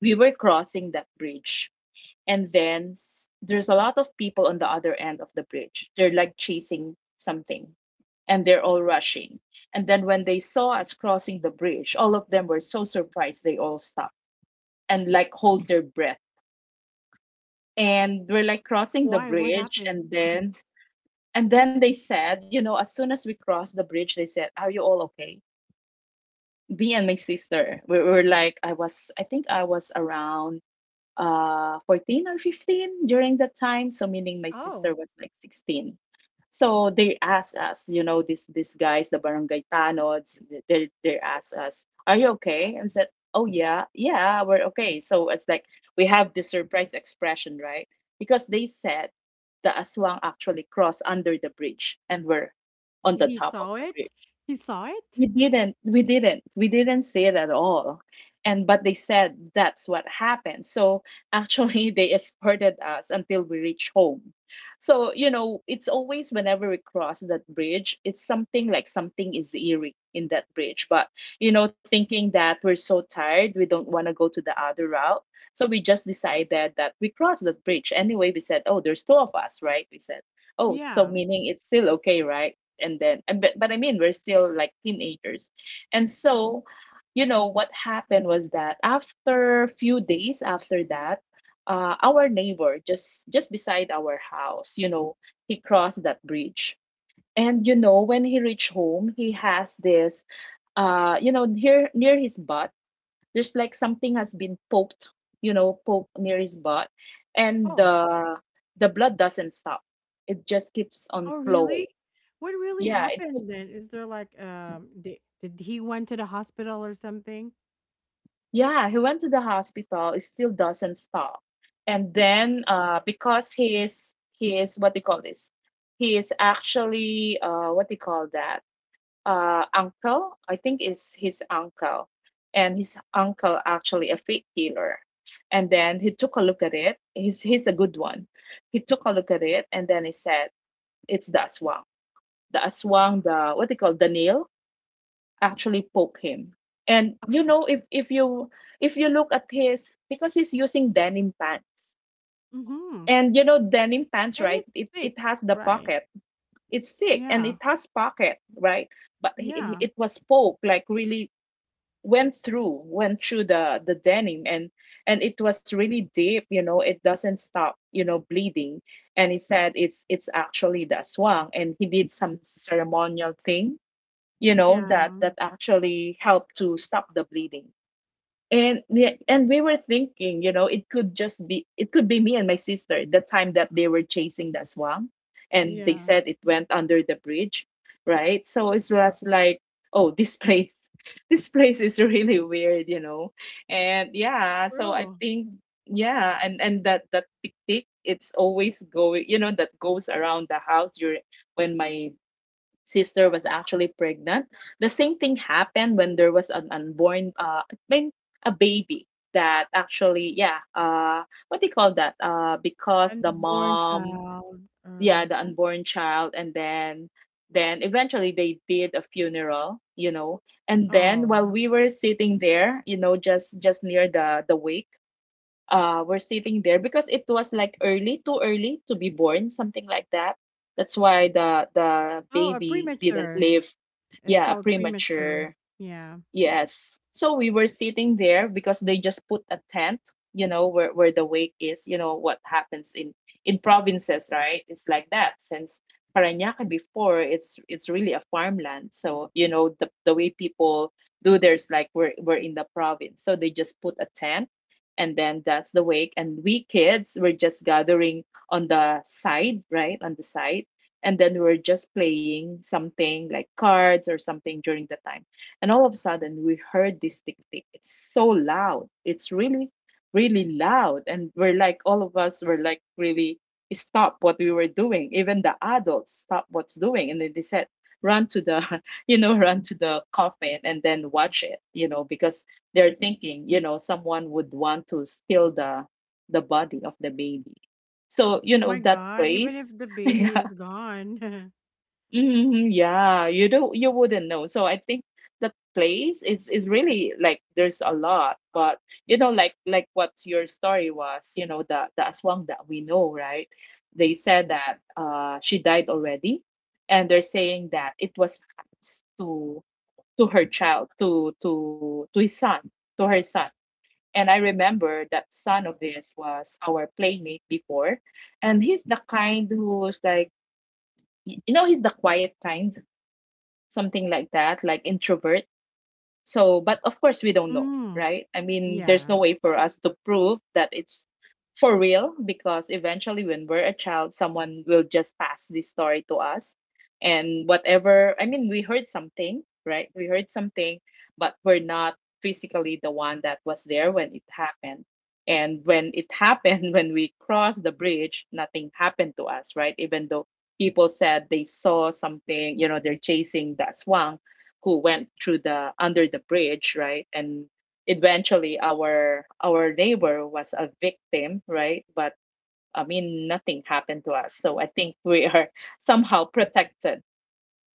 Speaker 2: we were crossing that bridge, and then there's a lot of people on the other end of the bridge, they're like chasing something, and they're all rushing. And then when they saw us crossing the bridge, all of them were so surprised, they all stopped and like hold their breath, and we're like crossing the
Speaker 1: Why? What
Speaker 2: bridge.
Speaker 1: happened?
Speaker 2: And
Speaker 1: *laughs* Mhm.
Speaker 2: then and then they said, you know, as soon as we crossed the bridge, they said, "Are you all okay?" Me and my sister, we were like, I think I was around 14 or 15 during that time, so meaning my sister
Speaker 1: Oh,
Speaker 2: was like 16. So they asked us, you know, these guys, the barangay tanods, they asked us, "Are you okay?" And said, "Oh, yeah, yeah, we're okay." So it's like we have the surprise expression, right? Because they said the aswang actually crossed under the bridge and were on
Speaker 1: and
Speaker 2: the
Speaker 1: he
Speaker 2: top of
Speaker 1: saw
Speaker 2: the
Speaker 1: it?
Speaker 2: bridge.
Speaker 1: He saw it?
Speaker 2: We didn't say it at all. And but they said that's what happened. So actually, *laughs* they escorted us until we reached home. So you know it's always, whenever we cross that bridge, it's something like something is eerie in that bridge. But you know, thinking that we're so tired, we don't want to go to the other route, so we just decided that we cross that bridge anyway. We said, "Oh, there's two of us, right?" We said, "Oh, so
Speaker 1: Yeah.
Speaker 2: meaning it's still okay, right?" And then and but I mean, we're still like teenagers. And so, you know, what happened was that after a few days after that, our neighbor, just beside our house, you know, he crossed that bridge. And you know, when he reached home, he has this you know, near his butt, there's like something has been poked, you know, poked near his butt. And
Speaker 1: Oh.
Speaker 2: the blood doesn't stop, it just keeps on
Speaker 1: Oh,
Speaker 2: flowing.
Speaker 1: really? What really
Speaker 2: Yeah, it keeps.
Speaker 1: happened then? Is there like did he went to the hospital or something?
Speaker 2: Yeah, he went to the hospital. It still doesn't stop. And then because he is what do you call this? He is actually, what do you call that? Uh, uncle, I think is his uncle. And his uncle actually a faith healer. And then he took a look at it. He's a good one. He took a look at it and then he said, "It's the aswang." The aswang, the what do you call the nail, actually poke him. And you know, if you, if you look at his, because he's using denim pants.
Speaker 1: Mhm.
Speaker 2: And you know, denim pants,
Speaker 1: And
Speaker 2: right?
Speaker 1: it's
Speaker 2: It
Speaker 1: sick,
Speaker 2: it has the
Speaker 1: right?
Speaker 2: pocket. It's thick and
Speaker 1: Yeah.
Speaker 2: it has pocket, right? But
Speaker 1: Yeah.
Speaker 2: it was poked, like really went through the denim, and it was really deep. You know, it doesn't stop, you know, bleeding. And he said it's actually the aswang, and he did some ceremonial thing, you know, that
Speaker 1: Yeah.
Speaker 2: that actually help to stop the bleeding. And we were thinking, you know, it could just be, it could be me and my sister, the time that they were chasing the swan, and they
Speaker 1: Yeah.
Speaker 2: said it went under the bridge, right. So it was like, oh, this place, *laughs* this place is really weird, you know. And yeah, so I
Speaker 1: True.
Speaker 2: think, yeah. And that that tick tick, it's always going, you know, that goes around the house during when my sister was actually pregnant. The same thing happened when there was an unborn, I mean, a baby that actually, yeah, what do you call that? Because the
Speaker 1: Unborn
Speaker 2: mom,
Speaker 1: child
Speaker 2: yeah,
Speaker 1: or
Speaker 2: the unborn child. And then eventually they did a funeral, you know. And then
Speaker 1: oh.
Speaker 2: while we were sitting there, you know, just near the wake, were sitting there, because it was like early, too early to be born, something like that, that's why the
Speaker 1: Oh, a
Speaker 2: baby didn't
Speaker 1: premature.
Speaker 2: live.
Speaker 1: It's
Speaker 2: Yeah, a
Speaker 1: called premature.
Speaker 2: premature.
Speaker 1: Yeah.
Speaker 2: Yes. So we were sitting there, because they just put a tent, you know, where the wake is, you know, what happens in provinces, right? It's like that. Since Parañaque before, it's really a farmland. So, you know, the way people do theirs like we're in the province. So they just put a tent, and then that's the wake, and we kids were just gathering on the side, right? On the side. And then we were just playing something like cards or something during the time, and all of a sudden, we heard this tick tick. It's so loud. It's really, really loud. And we're like, all of us were like, really stop what we were doing. Even the adults stop what's doing. And then they said, run to the, *laughs* you know, run to the coffin and then watch it, you know, because they're thinking, you know, someone would want to steal the body of the baby. So, you know,
Speaker 1: My
Speaker 2: that
Speaker 1: god, even if
Speaker 2: place.
Speaker 1: the
Speaker 2: *laughs*
Speaker 1: baby is gone. *laughs*
Speaker 2: Mhm, yeah, you don't you wouldn't know. So I think that place is really like there's a lot, but you know, like what your story was, you know, the aswang that we know, right? They said that she died already, and they're saying that it was passed to her child, to his son, to her son. And I remember that son of this was our playmate before, and he's the kind who's like, you know, he's the quiet kind, something like that, like introvert. So, but of course, we don't know,
Speaker 1: Mm.
Speaker 2: right? I mean, there's no
Speaker 1: Yeah.
Speaker 2: way for us to prove that it's for real, because eventually, when we're a child, someone will just pass this story to us. And whatever, I mean, we heard something, right? We heard something, but we're not physically the one that was there when it happened. And when it happened, *laughs* when we crossed the bridge, nothing happened to us, right? Even though people said they saw something, you know, they're chasing that swan who went through the under the bridge, right? And eventually our neighbor was a victim, right? But I mean nothing happened to us. So I think we are *laughs* somehow protected,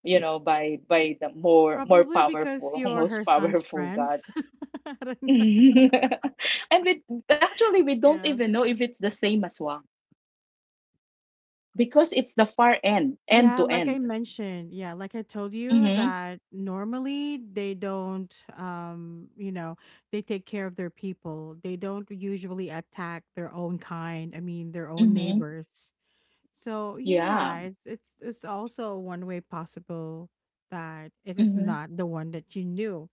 Speaker 2: you know, by the more
Speaker 1: Probably because
Speaker 2: powerful, *laughs*
Speaker 1: you're
Speaker 2: most
Speaker 1: her son's
Speaker 2: powerful God.
Speaker 1: friends. *laughs* I
Speaker 2: *laughs*
Speaker 1: don't—
Speaker 2: And we actually we don't
Speaker 1: yeah.
Speaker 2: even know if it's the same as Wang, because it's the far end, end
Speaker 1: Yeah,
Speaker 2: to
Speaker 1: like I
Speaker 2: end.
Speaker 1: mentioned, yeah, like I told you
Speaker 2: Mm-hmm.
Speaker 1: that normally they don't, you know, they take care of their people. They don't usually attack their own kind. I mean, their own
Speaker 2: Mm-hmm.
Speaker 1: neighbors. So
Speaker 2: Yeah.
Speaker 1: yeah, it's also one way possible that it is
Speaker 2: Mm-hmm.
Speaker 1: not the one that you knew.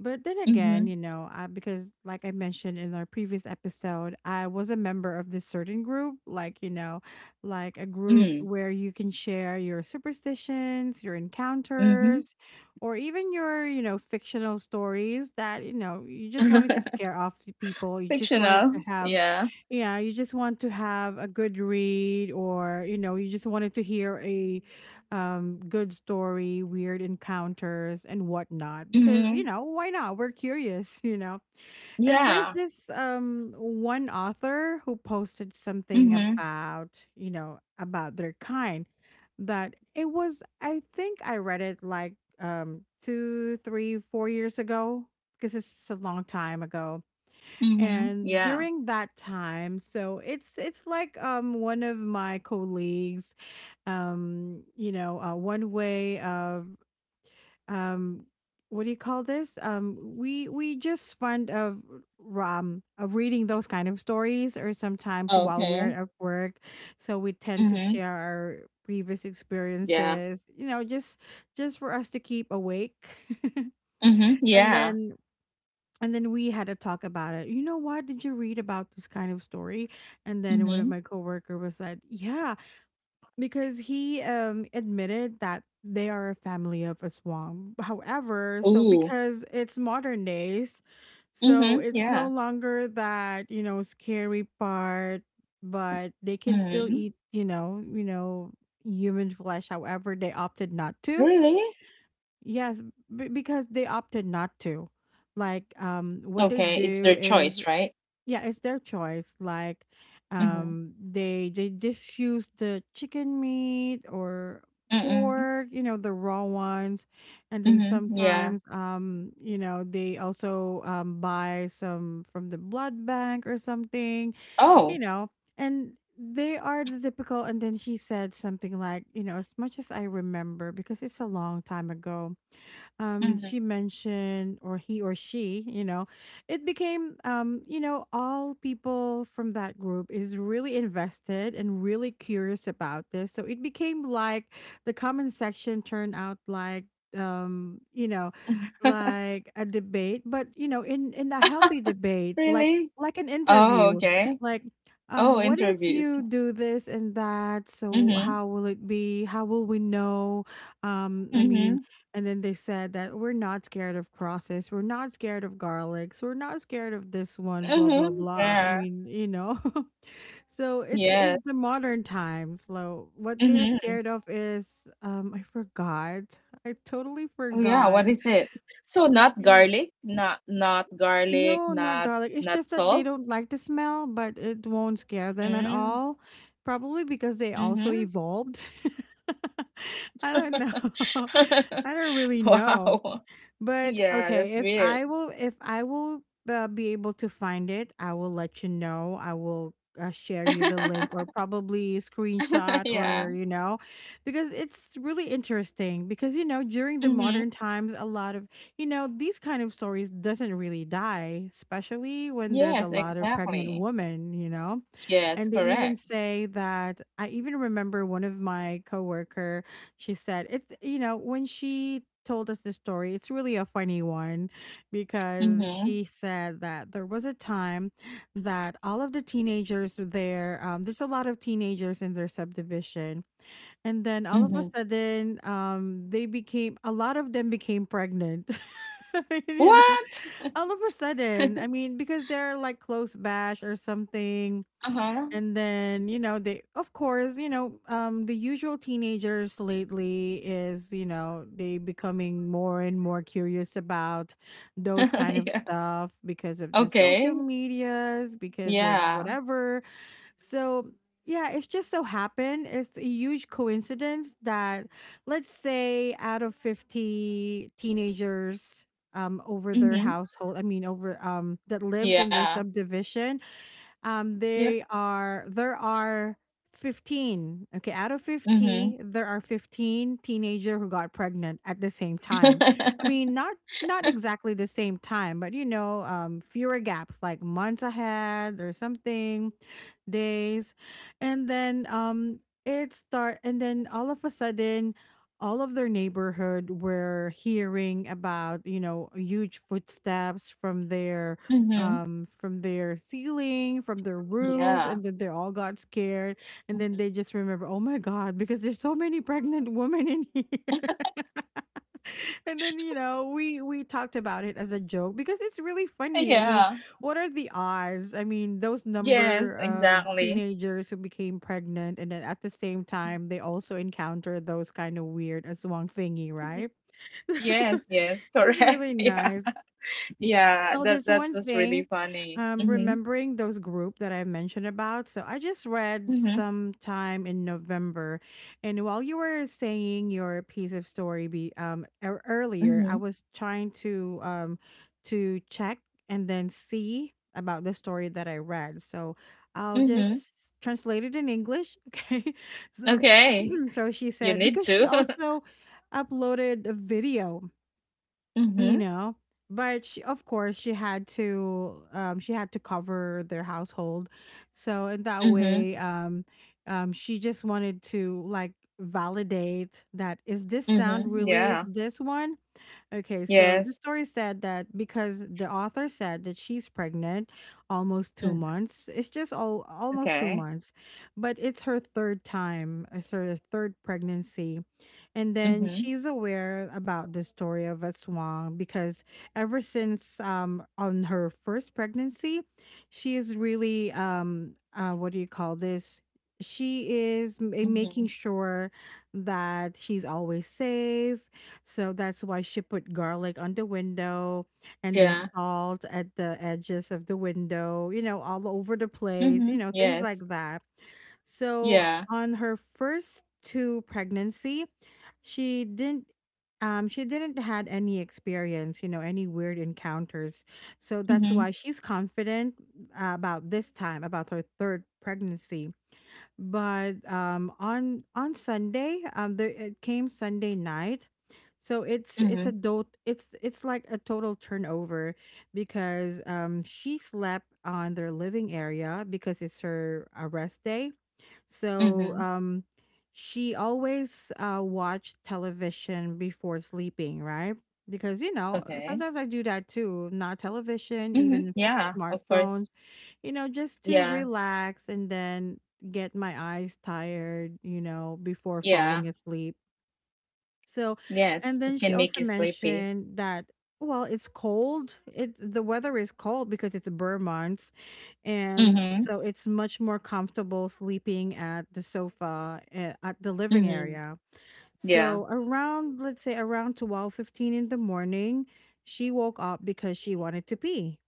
Speaker 1: But then again,
Speaker 2: Mm-hmm.
Speaker 1: you know, I, because like I mentioned in our previous episode, I was a member of this certain group, like, a group where you can share your superstitions, your
Speaker 2: Mm-hmm.
Speaker 1: encounters, or even your, you know, fictional stories that, you know, you just wanted to
Speaker 2: *laughs*
Speaker 1: scare off the people. You just wanted
Speaker 2: Fictional.
Speaker 1: to have,
Speaker 2: Yeah.
Speaker 1: yeah, you just want to have a good read, or, you know, you just wanted to hear a good story, weird encounters, and whatnot. Because you
Speaker 2: Mhm.
Speaker 1: know why not? We're curious, *laughs* you know. And there's
Speaker 2: Yeah.
Speaker 1: this one author who posted something
Speaker 2: Mhm.
Speaker 1: about you know about their kind that it was. I think I read it like two, three, 4 years ago because it's a long time ago.
Speaker 2: Mhm.
Speaker 1: And
Speaker 2: Yeah.
Speaker 1: during that time, so it's like one of my colleagues, one way of um, what do you call this? We just fond of reading those kind of stories, or sometimes while we're
Speaker 2: Okay.
Speaker 1: at work, so we tend to
Speaker 2: Mhm.
Speaker 1: share our previous
Speaker 2: Yeah.
Speaker 1: experiences. You know, just for us to keep awake, *laughs*
Speaker 2: Mhm.
Speaker 1: and
Speaker 2: Yeah.
Speaker 1: then. And then we had a talk about it. You know what? Did you read about this kind of story? And then one of
Speaker 2: Mhm.
Speaker 1: my coworker was like, "Yeah, because he admitted that they are a family of a swamp. However, so
Speaker 2: Ooh.
Speaker 1: because it's modern days, so
Speaker 2: Mhm.
Speaker 1: it's no
Speaker 2: Yeah.
Speaker 1: longer that, you know, scary part, but they can still eat,
Speaker 2: Mhm.
Speaker 1: you know, human flesh. However, they opted not to.
Speaker 2: Really?
Speaker 1: Yes, because they opted not to. Like what they
Speaker 2: Okay. It's their
Speaker 1: do is,
Speaker 2: choice, right?
Speaker 1: yeah, it's their choice. Like,
Speaker 2: Mhm.
Speaker 1: they just use the chicken meat or
Speaker 2: Mhm.
Speaker 1: pork, you know, the raw ones, and then
Speaker 2: Mhm. Yeah.
Speaker 1: sometimes, they also buy some from the blood bank or something, you
Speaker 2: Oh.
Speaker 1: know, and they are the typical. And then she said something like, you know, as much as I remember, because it's a long time ago,
Speaker 2: Mhm.
Speaker 1: she mentioned, or he or she, you know, it became, all people from that group is really invested and really curious about this. So it became like the comment section turned out um, you know,
Speaker 2: *laughs*
Speaker 1: like a debate, but you know, in a healthy debate, like
Speaker 2: Really?
Speaker 1: like an
Speaker 2: Oh,
Speaker 1: interview,
Speaker 2: okay.
Speaker 1: like
Speaker 2: Oh,
Speaker 1: what if
Speaker 2: interviews.
Speaker 1: you do this and that? So
Speaker 2: Mhm.
Speaker 1: how will it be? How will we know? I mean,
Speaker 2: Mhm.
Speaker 1: and then they said that we're not scared of crosses, we're not scared of garlics, we're not scared of this one, blah blah
Speaker 2: Mhm.
Speaker 1: blah. I
Speaker 2: Yeah.
Speaker 1: mean, you know. *laughs* So
Speaker 2: Yes.
Speaker 1: it's the modern times. So what they're
Speaker 2: Mhm.
Speaker 1: scared of is I forgot. I totally
Speaker 2: Oh yeah, what
Speaker 1: forgot.
Speaker 2: is it? So not
Speaker 1: Yeah.
Speaker 2: garlic, not garlic,
Speaker 1: No, not
Speaker 2: not
Speaker 1: garlic. It's
Speaker 2: not
Speaker 1: just that they
Speaker 2: salt.
Speaker 1: don't like the smell, but it won't scare them at
Speaker 2: Mm,
Speaker 1: all. Probably because they also
Speaker 2: mm-hmm.
Speaker 1: evolved. *laughs* I don't know. *laughs*
Speaker 2: *laughs*
Speaker 1: I don't really know.
Speaker 2: Wow.
Speaker 1: But
Speaker 2: Yeah,
Speaker 1: okay,
Speaker 2: that's
Speaker 1: if I
Speaker 2: weird.
Speaker 1: will, be able to find it, I will let you know. I will share you the link or
Speaker 2: *laughs*
Speaker 1: probably screenshot
Speaker 2: Yeah.
Speaker 1: or you know, because it's really interesting. Because you know, during the
Speaker 2: Mm-hmm.
Speaker 1: modern times, a lot of these kind of stories doesn't really die, especially when there's a
Speaker 2: Yes,
Speaker 1: lot of pregnant
Speaker 2: exactly.
Speaker 1: women. You know,
Speaker 2: Yes,
Speaker 1: and they even
Speaker 2: correct.
Speaker 1: say that I even remember one of my coworker, she said when she told us the story, it's really a funny one because
Speaker 2: Mm-hmm.
Speaker 1: she said that there was a time that all of the teenagers were there. There's a lot of teenagers in their subdivision. And then all of a
Speaker 2: Mm-hmm.
Speaker 1: sudden, they became a lot of them became pregnant. *laughs* *laughs* You know,
Speaker 2: What?
Speaker 1: all of a sudden,
Speaker 2: *laughs*
Speaker 1: I mean, because they're like close bash or something.
Speaker 2: Uh-huh.
Speaker 1: And then they, of course, the usual teenagers lately is, they becoming more and more curious about those kind
Speaker 2: *laughs*
Speaker 1: of
Speaker 2: Yeah.
Speaker 1: stuff because of the social
Speaker 2: Okay.
Speaker 1: medias, because of
Speaker 2: Yeah.
Speaker 1: whatever. So yeah, it's just so happened, it's a huge coincidence that let's say out of 50 teenagers, over their
Speaker 2: Mm-hmm.
Speaker 1: household, I mean over that lives in their
Speaker 2: Yeah.
Speaker 1: subdivision,
Speaker 2: Yep.
Speaker 1: they are there are 15. Okay, out of
Speaker 2: Mm-hmm.
Speaker 1: 50, there are 15 teenager who got pregnant at the same time. I mean,
Speaker 2: *laughs*
Speaker 1: not exactly the same time, but you know, fewer gaps like months ahead or something, days, and then it start. And then all of a sudden, all of their neighborhood were hearing about huge footsteps from their
Speaker 2: Mm-hmm.
Speaker 1: um from their ceiling, from their roof,
Speaker 2: Yeah.
Speaker 1: and then they all got scared. And then
Speaker 2: *laughs*
Speaker 1: they just remember, "Oh my god, because there's so many pregnant women in here." *laughs* And then, you know, we talked about it as a joke because it's really funny. I mean,
Speaker 2: Yeah.
Speaker 1: what are the odds? I mean, those
Speaker 2: Yes,
Speaker 1: number of
Speaker 2: exactly.
Speaker 1: teenagers who became pregnant and then at the same time they also encounter those kind of weird aswang thingy,
Speaker 2: Mhm.
Speaker 1: right? *laughs*
Speaker 2: Yes, yes,
Speaker 1: It's really
Speaker 2: correct. *laughs* Yeah,
Speaker 1: nice.
Speaker 2: yeah.
Speaker 1: Oh,
Speaker 2: That
Speaker 1: there's
Speaker 2: that
Speaker 1: one
Speaker 2: was
Speaker 1: thing.
Speaker 2: really funny. Mm-hmm.
Speaker 1: Remembering those group that I mentioned about. So I just read
Speaker 2: Mm-hmm.
Speaker 1: sometime in November, and while you were saying your piece of story earlier,
Speaker 2: Mm-hmm.
Speaker 1: I was trying to to check and then see about the story that I read. So I'll
Speaker 2: Mm-hmm.
Speaker 1: just translate it in English. *laughs* Okay. So
Speaker 2: Okay,
Speaker 1: *clears throat* so she
Speaker 2: you
Speaker 1: said
Speaker 2: need
Speaker 1: because she
Speaker 2: to. *laughs*
Speaker 1: also uploaded a video, you
Speaker 2: Mm-hmm.
Speaker 1: know, but she, of course, she had to cover their household, so in that
Speaker 2: Mm-hmm.
Speaker 1: way she just wanted to like validate that is this sound,
Speaker 2: Mm-hmm.
Speaker 1: really is
Speaker 2: Yeah.
Speaker 1: this one? Okay, so the
Speaker 2: Yes.
Speaker 1: story said that because the author said that she's pregnant almost two
Speaker 2: Mm-hmm.
Speaker 1: months, it's just all almost two
Speaker 2: Okay.
Speaker 1: months, but it's her third time, it's her third pregnancy. And then
Speaker 2: Mm-hmm.
Speaker 1: she's aware about the story of a swan because ever since on her first pregnancy, she is really what do you call this? She is making
Speaker 2: Mm-hmm.
Speaker 1: sure that she's always safe, so that's why she put garlic on the window, and then
Speaker 2: Yeah.
Speaker 1: salt at the edges of the window, you know, all over the place, you
Speaker 2: Mm-hmm.
Speaker 1: know, things
Speaker 2: Yes.
Speaker 1: like that. So
Speaker 2: Yeah.
Speaker 1: on her first two pregnancy, she didn't she didn't had any experience, you know, any weird encounters. So that's
Speaker 2: Mm-hmm.
Speaker 1: why she's confident, about this time, about her third pregnancy. But on Sunday, there it came Sunday night. So it's it's
Speaker 2: Mm-hmm.
Speaker 1: a do- it's it's like a total turnover because she slept on their living area because it's her a rest day. so
Speaker 2: Mm-hmm.
Speaker 1: um, she always, watched television before sleeping, right? Because, you know,
Speaker 2: Okay.
Speaker 1: sometimes I do that too, not television,
Speaker 2: Mm-hmm.
Speaker 1: even
Speaker 2: Yeah. Of
Speaker 1: smartphones,
Speaker 2: course.
Speaker 1: you know, just to
Speaker 2: Yeah.
Speaker 1: relax and then get my eyes tired, you know, before falling
Speaker 2: Yeah.
Speaker 1: asleep. So, and
Speaker 2: Yes.
Speaker 1: then
Speaker 2: It
Speaker 1: she
Speaker 2: can
Speaker 1: also
Speaker 2: make you sleepy.
Speaker 1: mentioned that, well, it's cold. It, the weather is cold because it's Burr months, and
Speaker 2: Mm-hmm.
Speaker 1: so it's much more comfortable sleeping at the sofa, at the living
Speaker 2: Mm-hmm.
Speaker 1: area.
Speaker 2: Yeah.
Speaker 1: So around, let's say around 12:15 in the morning, she woke up because she wanted to pee,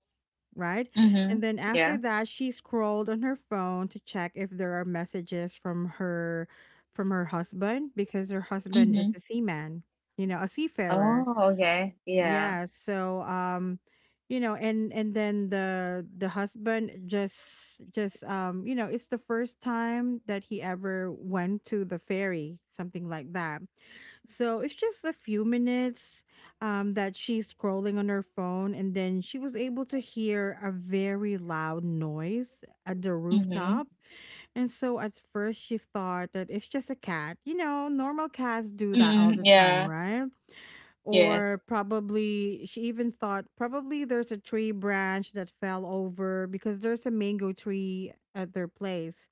Speaker 1: right? And
Speaker 2: Mhm.
Speaker 1: then after
Speaker 2: Yeah.
Speaker 1: that, she scrolled on her phone to check if there are messages from her, from her husband, because her husband is
Speaker 2: Mhm.
Speaker 1: a seaman, you know, a seafarer.
Speaker 2: Oh, okay. Yeah.
Speaker 1: Yeah, so you know, and then the husband just you know, it's the first time that he ever went to the ferry, something like that. So it's just a few minutes that she's scrolling on her phone, and then she was able to hear a very loud noise at the
Speaker 2: Mhm.
Speaker 1: rooftop. And so at first she thought that it's just a cat. You know, normal cats do that all
Speaker 2: Mm,
Speaker 1: the time,
Speaker 2: yeah.
Speaker 1: right?
Speaker 2: Yes.
Speaker 1: Or probably she even thought probably there's a tree branch that fell over because there's a mango tree at their place.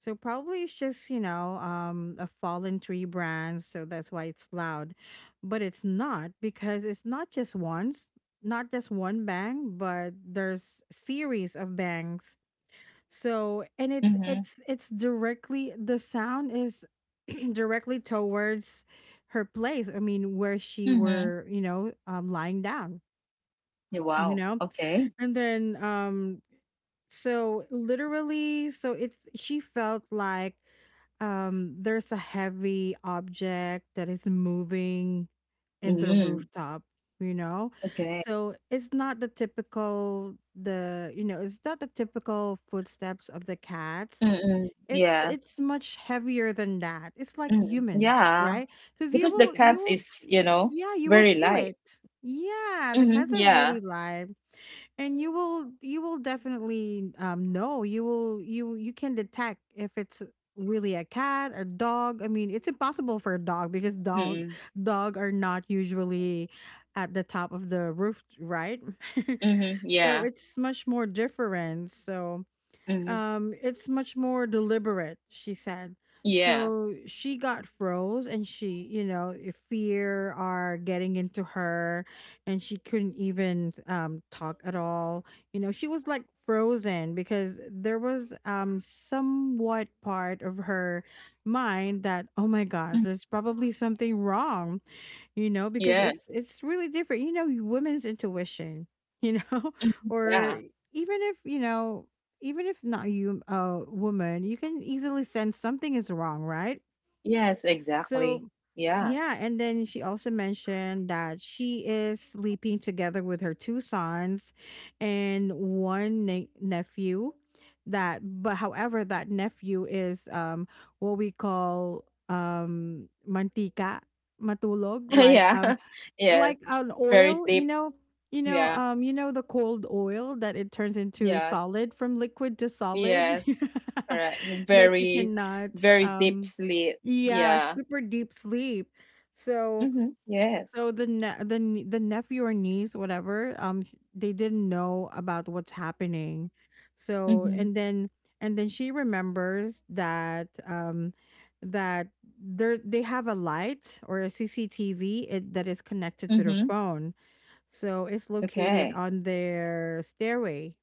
Speaker 1: So probably it's just, you know, a fallen tree branch, so that's why it's loud. But it's not, because it's not just once, not just one bang, but there's series of bangs. So, and it's
Speaker 2: Mhm.
Speaker 1: it's it's directly, the sound is *clears throat* directly towards her place. I mean, where she
Speaker 2: Mhm.
Speaker 1: were, you know, lying down,
Speaker 2: Yeah,
Speaker 1: you
Speaker 2: wow.
Speaker 1: know.
Speaker 2: Okay.
Speaker 1: And then so literally, so it's she felt like there's a heavy object that is moving in the
Speaker 2: Mm.
Speaker 1: rooftop, you know.
Speaker 2: Okay.
Speaker 1: So it's not the typical, the you know, it's not the typical footsteps of the cats.
Speaker 2: Mm-mm.
Speaker 1: it's
Speaker 2: Yeah.
Speaker 1: it's much heavier than that. It's like
Speaker 2: Mm.
Speaker 1: human,
Speaker 2: Yeah.
Speaker 1: right? Because you
Speaker 2: Because the
Speaker 1: will you
Speaker 2: cats
Speaker 1: will s-
Speaker 2: is, you know,
Speaker 1: yeah, you will
Speaker 2: very
Speaker 1: feel
Speaker 2: light.
Speaker 1: it. Yeah, the
Speaker 2: Mhm.
Speaker 1: cats are
Speaker 2: Yeah.
Speaker 1: really live, and you will definitely know, you will you you can detect if it's really a cat or dog. I mean, it's impossible for a dog because don't
Speaker 2: Mm-mm.
Speaker 1: dog are not usually at the top of the roof, right?
Speaker 2: Mhm.
Speaker 1: *laughs* So
Speaker 2: Yeah.
Speaker 1: it's much more different. So
Speaker 2: Mhm.
Speaker 1: it's much more deliberate, she said.
Speaker 2: Yeah.
Speaker 1: So she got froze, and she, you know, if fear are getting into her, and she couldn't even, talk at all. You know, she was like frozen because there was, somewhat part of her mind that, oh my God,
Speaker 2: Mhm.
Speaker 1: there's probably something wrong, you know, because it's
Speaker 2: Yes.
Speaker 1: it's really different, you know, women's intuition, you know.
Speaker 2: Mhm.
Speaker 1: *laughs* or
Speaker 2: Yeah.
Speaker 1: e, even if you know, even if not you a woman, you can easily sense something is wrong, right?
Speaker 2: Yes, exactly.
Speaker 1: So
Speaker 2: Yeah.
Speaker 1: yeah, and then she also mentioned that she is sleeping together with her two sons and one nephew, that but however that nephew is what we call mantika matulog,
Speaker 2: *laughs* Yeah. *laughs* Yes.
Speaker 1: like an
Speaker 2: Very
Speaker 1: oil, you
Speaker 2: deep.
Speaker 1: know, you know,
Speaker 2: Yeah.
Speaker 1: you know the cold oil that it turns into
Speaker 2: Yeah.
Speaker 1: solid, from liquid to solid,
Speaker 2: Yes, correct.
Speaker 1: *laughs* that you
Speaker 2: Very,
Speaker 1: cannot
Speaker 2: very deep sleep.
Speaker 1: yeah,
Speaker 2: Yeah.
Speaker 1: super deep sleep. So
Speaker 2: Mm-hmm. Yes.
Speaker 1: so the the nephew or niece, whatever, they didn't know about what's happening. So
Speaker 2: Mm-hmm.
Speaker 1: and then, and then she remembers that that there they have a light or a CCTV, it, that is connected to their
Speaker 2: Mm-hmm.
Speaker 1: phone. So it's located
Speaker 2: Okay.
Speaker 1: on their stairway,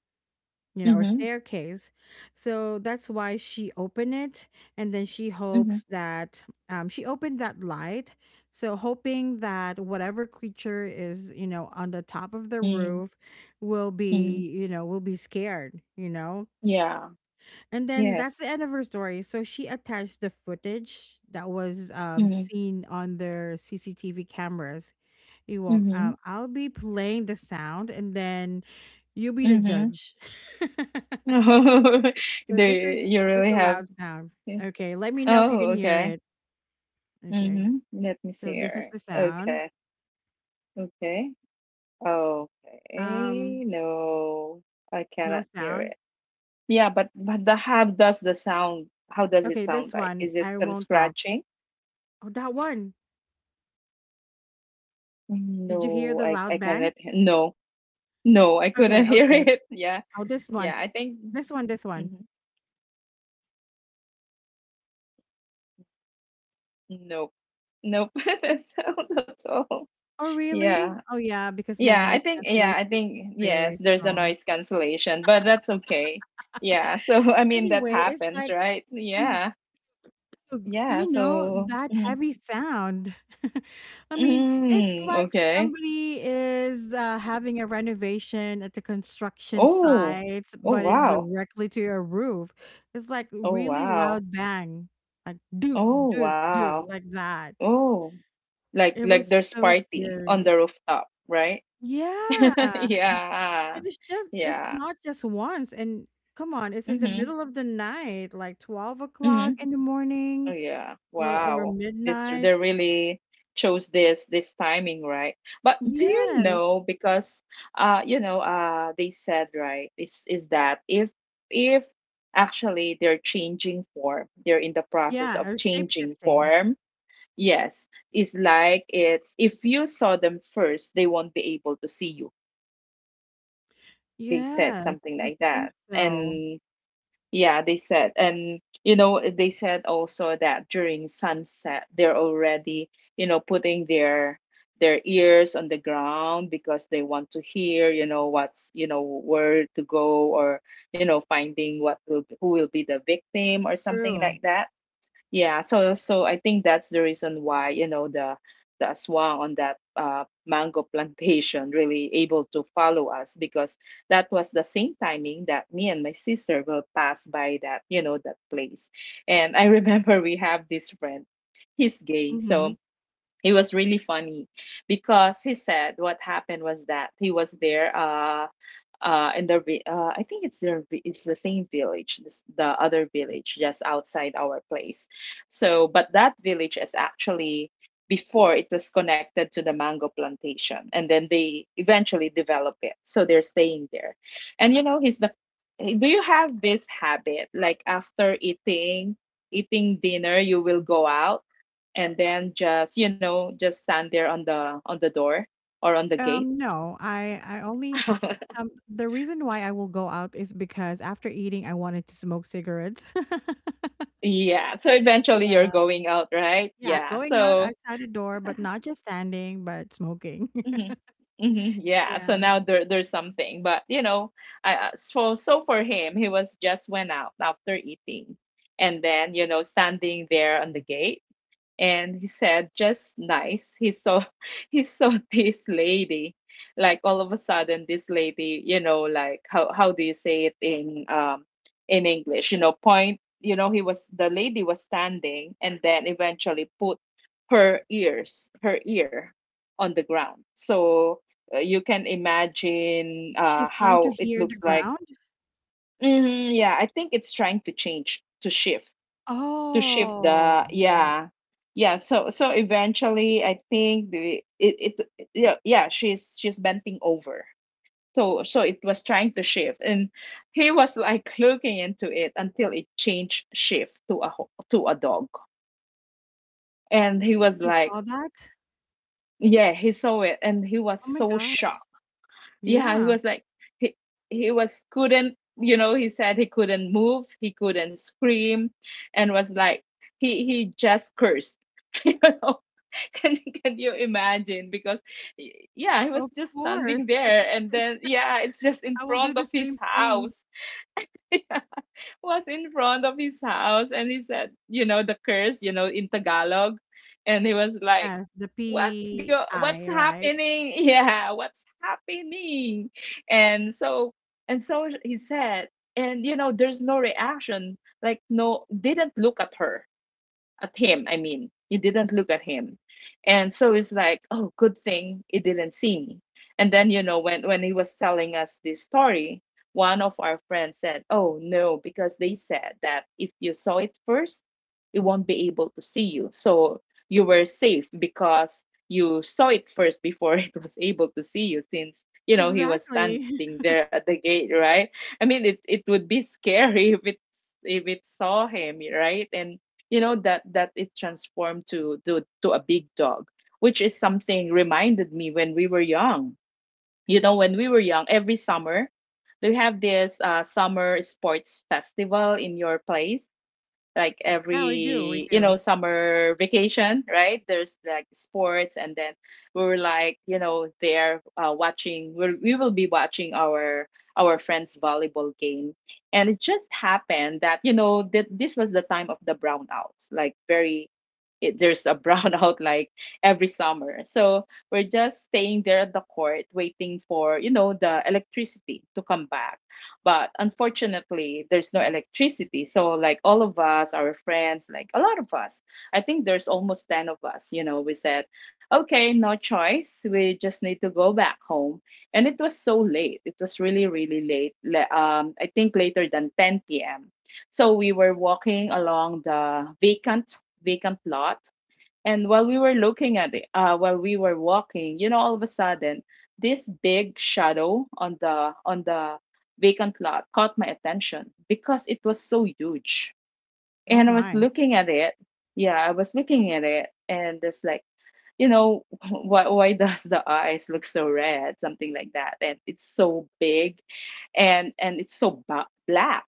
Speaker 1: you know, or
Speaker 2: Mm-hmm.
Speaker 1: staircase. So that's why she opened it. And then she
Speaker 2: Mm-hmm.
Speaker 1: hopes that, she opened that light. So, hoping that whatever creature is, you know, on the top of the
Speaker 2: Mm-hmm.
Speaker 1: roof will
Speaker 2: Mm-hmm.
Speaker 1: be, you know, will be scared, you know.
Speaker 2: Yeah.
Speaker 1: And then that's
Speaker 2: Yes.
Speaker 1: the end of her story. So, she attached the footage that was,
Speaker 2: Mm-hmm.
Speaker 1: seen on their CCTV cameras. You won't,
Speaker 2: Mm-hmm.
Speaker 1: I'll be playing the sound and then you'll be the
Speaker 2: Mm-hmm.
Speaker 1: judge. *laughs*
Speaker 2: *laughs*
Speaker 1: So
Speaker 2: There,
Speaker 1: this
Speaker 2: you
Speaker 1: is,
Speaker 2: you
Speaker 1: this is
Speaker 2: really
Speaker 1: a
Speaker 2: have.
Speaker 1: loud sound.
Speaker 2: Yeah.
Speaker 1: Okay, let me know if you
Speaker 2: Oh,
Speaker 1: can hear
Speaker 2: okay.
Speaker 1: it. Okay.
Speaker 2: Mm-hmm. Let me see
Speaker 1: So this is
Speaker 2: here.
Speaker 1: the sound.
Speaker 2: Okay. Okay.
Speaker 1: Um,
Speaker 2: Okay. No, I
Speaker 1: no
Speaker 2: cannot hear
Speaker 1: sound.
Speaker 2: it. Yeah, but the how does the sound? How does it
Speaker 1: Okay,
Speaker 2: sound
Speaker 1: this
Speaker 2: like?
Speaker 1: one
Speaker 2: Is it
Speaker 1: I
Speaker 2: some
Speaker 1: won't talk.
Speaker 2: scratching?
Speaker 1: Oh, that one. Did you hear
Speaker 2: No,
Speaker 1: the
Speaker 2: I
Speaker 1: loud
Speaker 2: cannot.
Speaker 1: bang?
Speaker 2: He- No, no, I couldn't *laughs*
Speaker 1: Okay,
Speaker 2: hear
Speaker 1: okay.
Speaker 2: it. Yeah,
Speaker 1: Oh, this one.
Speaker 2: yeah. I think
Speaker 1: This one, this one.
Speaker 2: mhm, nope, nope. *laughs* that sound at all.
Speaker 1: Oh,
Speaker 2: Yeah,
Speaker 1: really? Oh, yeah, because my
Speaker 2: yeah. I
Speaker 1: noise
Speaker 2: think yeah.
Speaker 1: cancellation
Speaker 2: I
Speaker 1: is
Speaker 2: think yes.
Speaker 1: very
Speaker 2: There's a
Speaker 1: strong.
Speaker 2: noise cancellation, but that's okay. Yeah. So *laughs* I mean that
Speaker 1: Anyway, it's
Speaker 2: happens,
Speaker 1: like,
Speaker 2: right? Yeah, yeah.
Speaker 1: you know,
Speaker 2: So
Speaker 1: that
Speaker 2: mhm.
Speaker 1: heavy sound. *laughs* I mean, it's
Speaker 2: Mm,
Speaker 1: like
Speaker 2: okay.
Speaker 1: somebody is, having a renovation at the construction
Speaker 2: Oh,
Speaker 1: site,
Speaker 2: oh
Speaker 1: but it's
Speaker 2: wow.
Speaker 1: directly to your roof. It's like
Speaker 2: Oh
Speaker 1: really
Speaker 2: wow.
Speaker 1: loud bang, like do,
Speaker 2: Oh
Speaker 1: do, do,
Speaker 2: wow.
Speaker 1: like that.
Speaker 2: Oh.
Speaker 1: It
Speaker 2: Like
Speaker 1: was
Speaker 2: there's
Speaker 1: so
Speaker 2: party on
Speaker 1: scary.
Speaker 2: the rooftop, right?
Speaker 1: Yeah.
Speaker 2: *laughs* Yeah.
Speaker 1: And it's just, it's
Speaker 2: Yeah.
Speaker 1: not just once. And come on, it's in the
Speaker 2: Mhm.
Speaker 1: middle of the night, like 12 o'clock
Speaker 2: Mhm.
Speaker 1: in the
Speaker 2: Oh
Speaker 1: morning,
Speaker 2: yeah.
Speaker 1: or
Speaker 2: Wow. It's they
Speaker 1: midnight.
Speaker 2: really chose this timing, right? But do you
Speaker 1: Yes.
Speaker 2: know because you know they said right is that if actually they're changing form, they're in the process
Speaker 1: Yeah,
Speaker 2: of
Speaker 1: or
Speaker 2: changing
Speaker 1: shape-shifting.
Speaker 2: form. Yes, it's like it's if you saw them first, they won't be able to see you. They said
Speaker 1: Yes,
Speaker 2: something
Speaker 1: I
Speaker 2: like
Speaker 1: think
Speaker 2: that.
Speaker 1: so.
Speaker 2: And yeah, they said, and you know, they said also that during sunset, they're already, you know, putting their ears on the ground because they want to hear, you know, what's, you know, where to go, or, you know, finding what will who will be the victim or something
Speaker 1: True.
Speaker 2: like that. Yeah, so so I think that's the reason why, you know, the aswang on that mango *laughs* plantation really able to follow us, because that was the same timing that me and my sister will pass by that, you know, that place. And I *laughs* remember we have this friend, he's gay,
Speaker 1: Mhm.
Speaker 2: so it was really funny, because he said what happened was that he was there uh in their I think it's their vi- it's the same village this, the other village just outside our place. So but that village is actually before it was connected to the mango plantation, and then they eventually develop it, so they're staying there. And you know he's the eh, do you have this habit like after eating eating dinner you will go out, and then just you know just stand there on the door or on the gate?
Speaker 1: No, I only
Speaker 2: *laughs*
Speaker 1: the reason why I will go out is because after eating, I wanted to smoke cigarettes. *laughs*
Speaker 2: Yeah. So eventually you're
Speaker 1: Yeah.
Speaker 2: going out, right?
Speaker 1: Yeah,
Speaker 2: Yeah.
Speaker 1: going out
Speaker 2: So
Speaker 1: outside the door, but not just standing, but smoking.
Speaker 2: mhm,
Speaker 1: *laughs*
Speaker 2: mhm, yeah. So
Speaker 1: Yeah.
Speaker 2: now there there's something, but you know, so so for him, he was just went out after eating, and then you know standing there on the gate, and he said just nice he saw *laughs* he saw this lady, like all of a sudden this lady, you know, like how do you say it in English, you know, point, you know, he was the lady was standing and then eventually put her ears her ear on the ground. So you can imagine
Speaker 1: She's trying to
Speaker 2: how it
Speaker 1: hear the
Speaker 2: looks like.
Speaker 1: ground?
Speaker 2: Mhm, yeah, I think it's trying to change to shift the
Speaker 1: Oh, okay.
Speaker 2: yeah yeah, so so eventually I think it yeah yeah she's bending over, so so it was trying to shift, and he was like looking into it until it changed shift to a ho- to a dog. And he was
Speaker 1: He
Speaker 2: like
Speaker 1: saw that?
Speaker 2: yeah he saw it, and he was
Speaker 1: Oh my
Speaker 2: so
Speaker 1: gosh.
Speaker 2: shocked. Yeah, he
Speaker 1: Yeah,
Speaker 2: was like he he was couldn't you know he said he couldn't move, he couldn't scream, and was like he just cursed. *laughs* *laughs* can can you imagine, because y- yeah he was
Speaker 1: of
Speaker 2: just standing
Speaker 1: course.
Speaker 2: there, and then
Speaker 1: *laughs*
Speaker 2: yeah it's just in
Speaker 1: I will do
Speaker 2: front of
Speaker 1: the
Speaker 2: his
Speaker 1: same thing.
Speaker 2: house. *laughs* Yeah, was in front of his house, and he said, you know, the curse, you know, in Tagalog, and he was like
Speaker 1: Yes, the
Speaker 2: what's go what's
Speaker 1: PI, right?
Speaker 2: happening. *laughs* Yeah, what's happening. And so and so he said, and you know there's no reaction, like no didn't look at her, at him, I mean it didn't look at him. And so it's like oh good thing he didn't see me. And then, you know, when he was telling us this story, one of our friends said, oh no, because they said that if you saw it first, it won't be able to see you, so you were safe because you saw it first before *laughs* it was able to see you, since you know he was
Speaker 1: Exactly.
Speaker 2: standing
Speaker 1: *laughs*
Speaker 2: there at the gate, right? I mean it, it would be scary *laughs* if it's if it saw him, right? And you know that that it transformed to to a big dog, which is something reminded me when we were young. You know when we were young every summer they have this summer sports festival in your place, like
Speaker 1: Yeah, we do. We
Speaker 2: every you know
Speaker 1: do.
Speaker 2: summer vacation, right? There's like sports, and then we were like you know there, watching we will be watching our friends volleyball game. And it just happened that you know that this was the time of the brownouts, like very it, there's a brownout *laughs* like every summer. So we're just staying there at the court waiting for, you know, the electricity to come back, but unfortunately, there's no electricity. So, like all of us, our friends, like a lot of us, I think there's almost 10 of us, you know, we said, okay, no choice. We just need to go back home. And it was so late. It was really, really late. I think later than 10 p.m. So we were walking along the vacant lot, and while we were looking at it, while we were walking, you know, all of a sudden, this big shadow on the vacant lot caught my attention because it was so huge.
Speaker 1: Oh
Speaker 2: And I was
Speaker 1: my.
Speaker 2: looking at it. Yeah, I was looking at it, and it's like, you know, *laughs* why does the eyes look so red? Something like that. And it's so big, and it's so ba- black.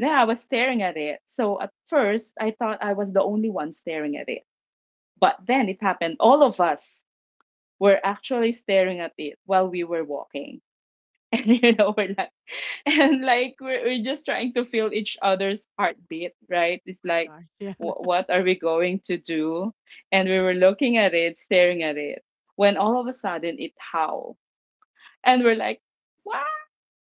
Speaker 2: Then I was staring at it. So at first, I thought I was the only one staring at it, but then it happened. All of us were actually staring at it while we were walking. *laughs* And you know, we're like, and like we're just trying to feel each other's heartbeat, right? It's
Speaker 1: My
Speaker 2: like
Speaker 1: gosh. Yeah.
Speaker 2: wh-
Speaker 1: *laughs*
Speaker 2: what are we going to do? And we were looking at it, staring at it, when all of a sudden it howled. And we're like wow,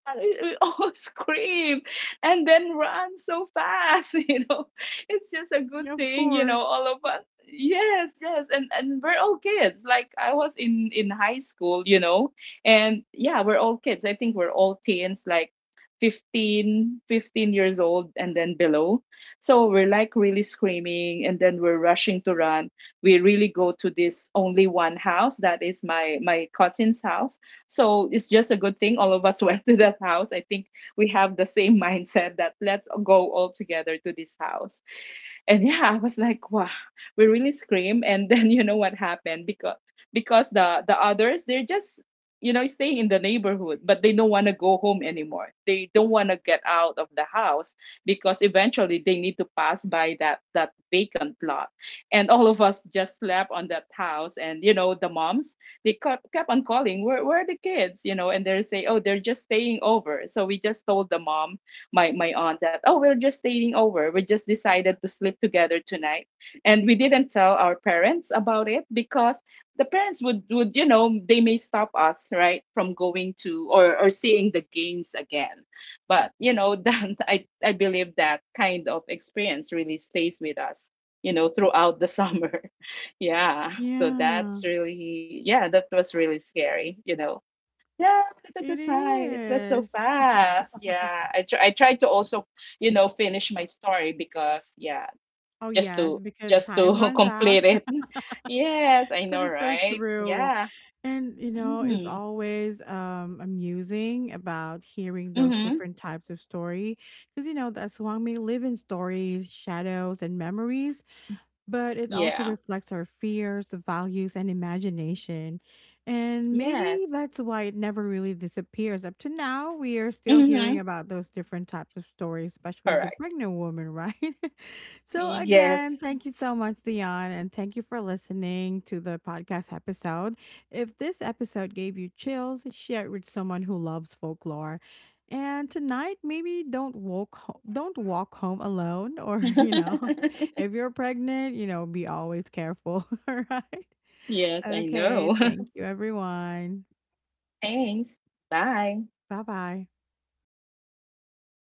Speaker 2: and we all *laughs* scream and then run so fast, *laughs* you know, it's just a good
Speaker 1: Yeah, of
Speaker 2: thing you know
Speaker 1: course.
Speaker 2: all of us yes yes. And we're all kids, like I was in high school, you know, and yeah we're all kids, I think we're all teens, like 15, 15 years old and then below. So we're like really screaming, and then we're rushing to run. We really go to this only one house that is my my cousin's house. So it's just a good thing all of us *laughs* went to that house. I think we have the same mindset that let's go all together to this house. And yeah, I was like wow, we really scream. And then *laughs* you know what happened, because the others they're just you know staying in the neighborhood, but they don't want to go home anymore, they don't want to get out of the house, because eventually they need to pass by that vacant lot. And all of us just slept on that house, and you know the moms they kept on calling, where are the kids? You know, and they're saying, oh, they're just staying over. So we just told the mom, my aunt, that, oh, we're just staying over. We just decided to sleep together tonight. And we didn't tell our parents about it, because the parents would you know, they may stop us, right, from going to, or seeing the games again. But, you know, *laughs* that, I believe that kind of experience really stays with us, you know, throughout the *laughs* summer. Yeah, so
Speaker 1: Yeah.
Speaker 2: that's really yeah, that was really scary, you know. Yeah, look at the
Speaker 1: It
Speaker 2: time. It was so
Speaker 1: is. *laughs*
Speaker 2: fast. Yeah, I I tried to also, you know, finish my story, because yeah,
Speaker 1: Oh
Speaker 2: just
Speaker 1: yes,
Speaker 2: to
Speaker 1: because
Speaker 2: just to
Speaker 1: time
Speaker 2: *laughs*
Speaker 1: runs
Speaker 2: complete
Speaker 1: out.
Speaker 2: it.
Speaker 1: *laughs*
Speaker 2: Yes, I
Speaker 1: That
Speaker 2: know,
Speaker 1: is so
Speaker 2: right?
Speaker 1: true.
Speaker 2: Yeah.
Speaker 1: And you know, it's
Speaker 2: Mm-hmm.
Speaker 1: always amusing about hearing those
Speaker 2: Mm-hmm.
Speaker 1: different types of story, because you know the Aswang may live in stories, shadows, and memories, but it also
Speaker 2: Yeah.
Speaker 1: reflects our fears, values, and imagination. And maybe
Speaker 2: Yes.
Speaker 1: that's why it never really disappears. Up to now, we are still hearing
Speaker 2: Mm-hmm.
Speaker 1: about those different types of stories, especially the
Speaker 2: Correct.
Speaker 1: pregnant woman, right? *laughs* So, again,
Speaker 2: Yes.
Speaker 1: thank you so much, Dion, and thank you for listening to the podcast episode. If this episode gave you chills, share it with someone who loves folklore. And tonight, maybe don't walk home alone, or *laughs* you know, if
Speaker 2: *laughs*
Speaker 1: you're pregnant, you know, be always careful, *laughs* alright?
Speaker 2: Yes, I
Speaker 1: Okay,
Speaker 2: know.
Speaker 1: thank you, everyone.
Speaker 2: *laughs* Thanks. Bye.
Speaker 1: Bye-bye.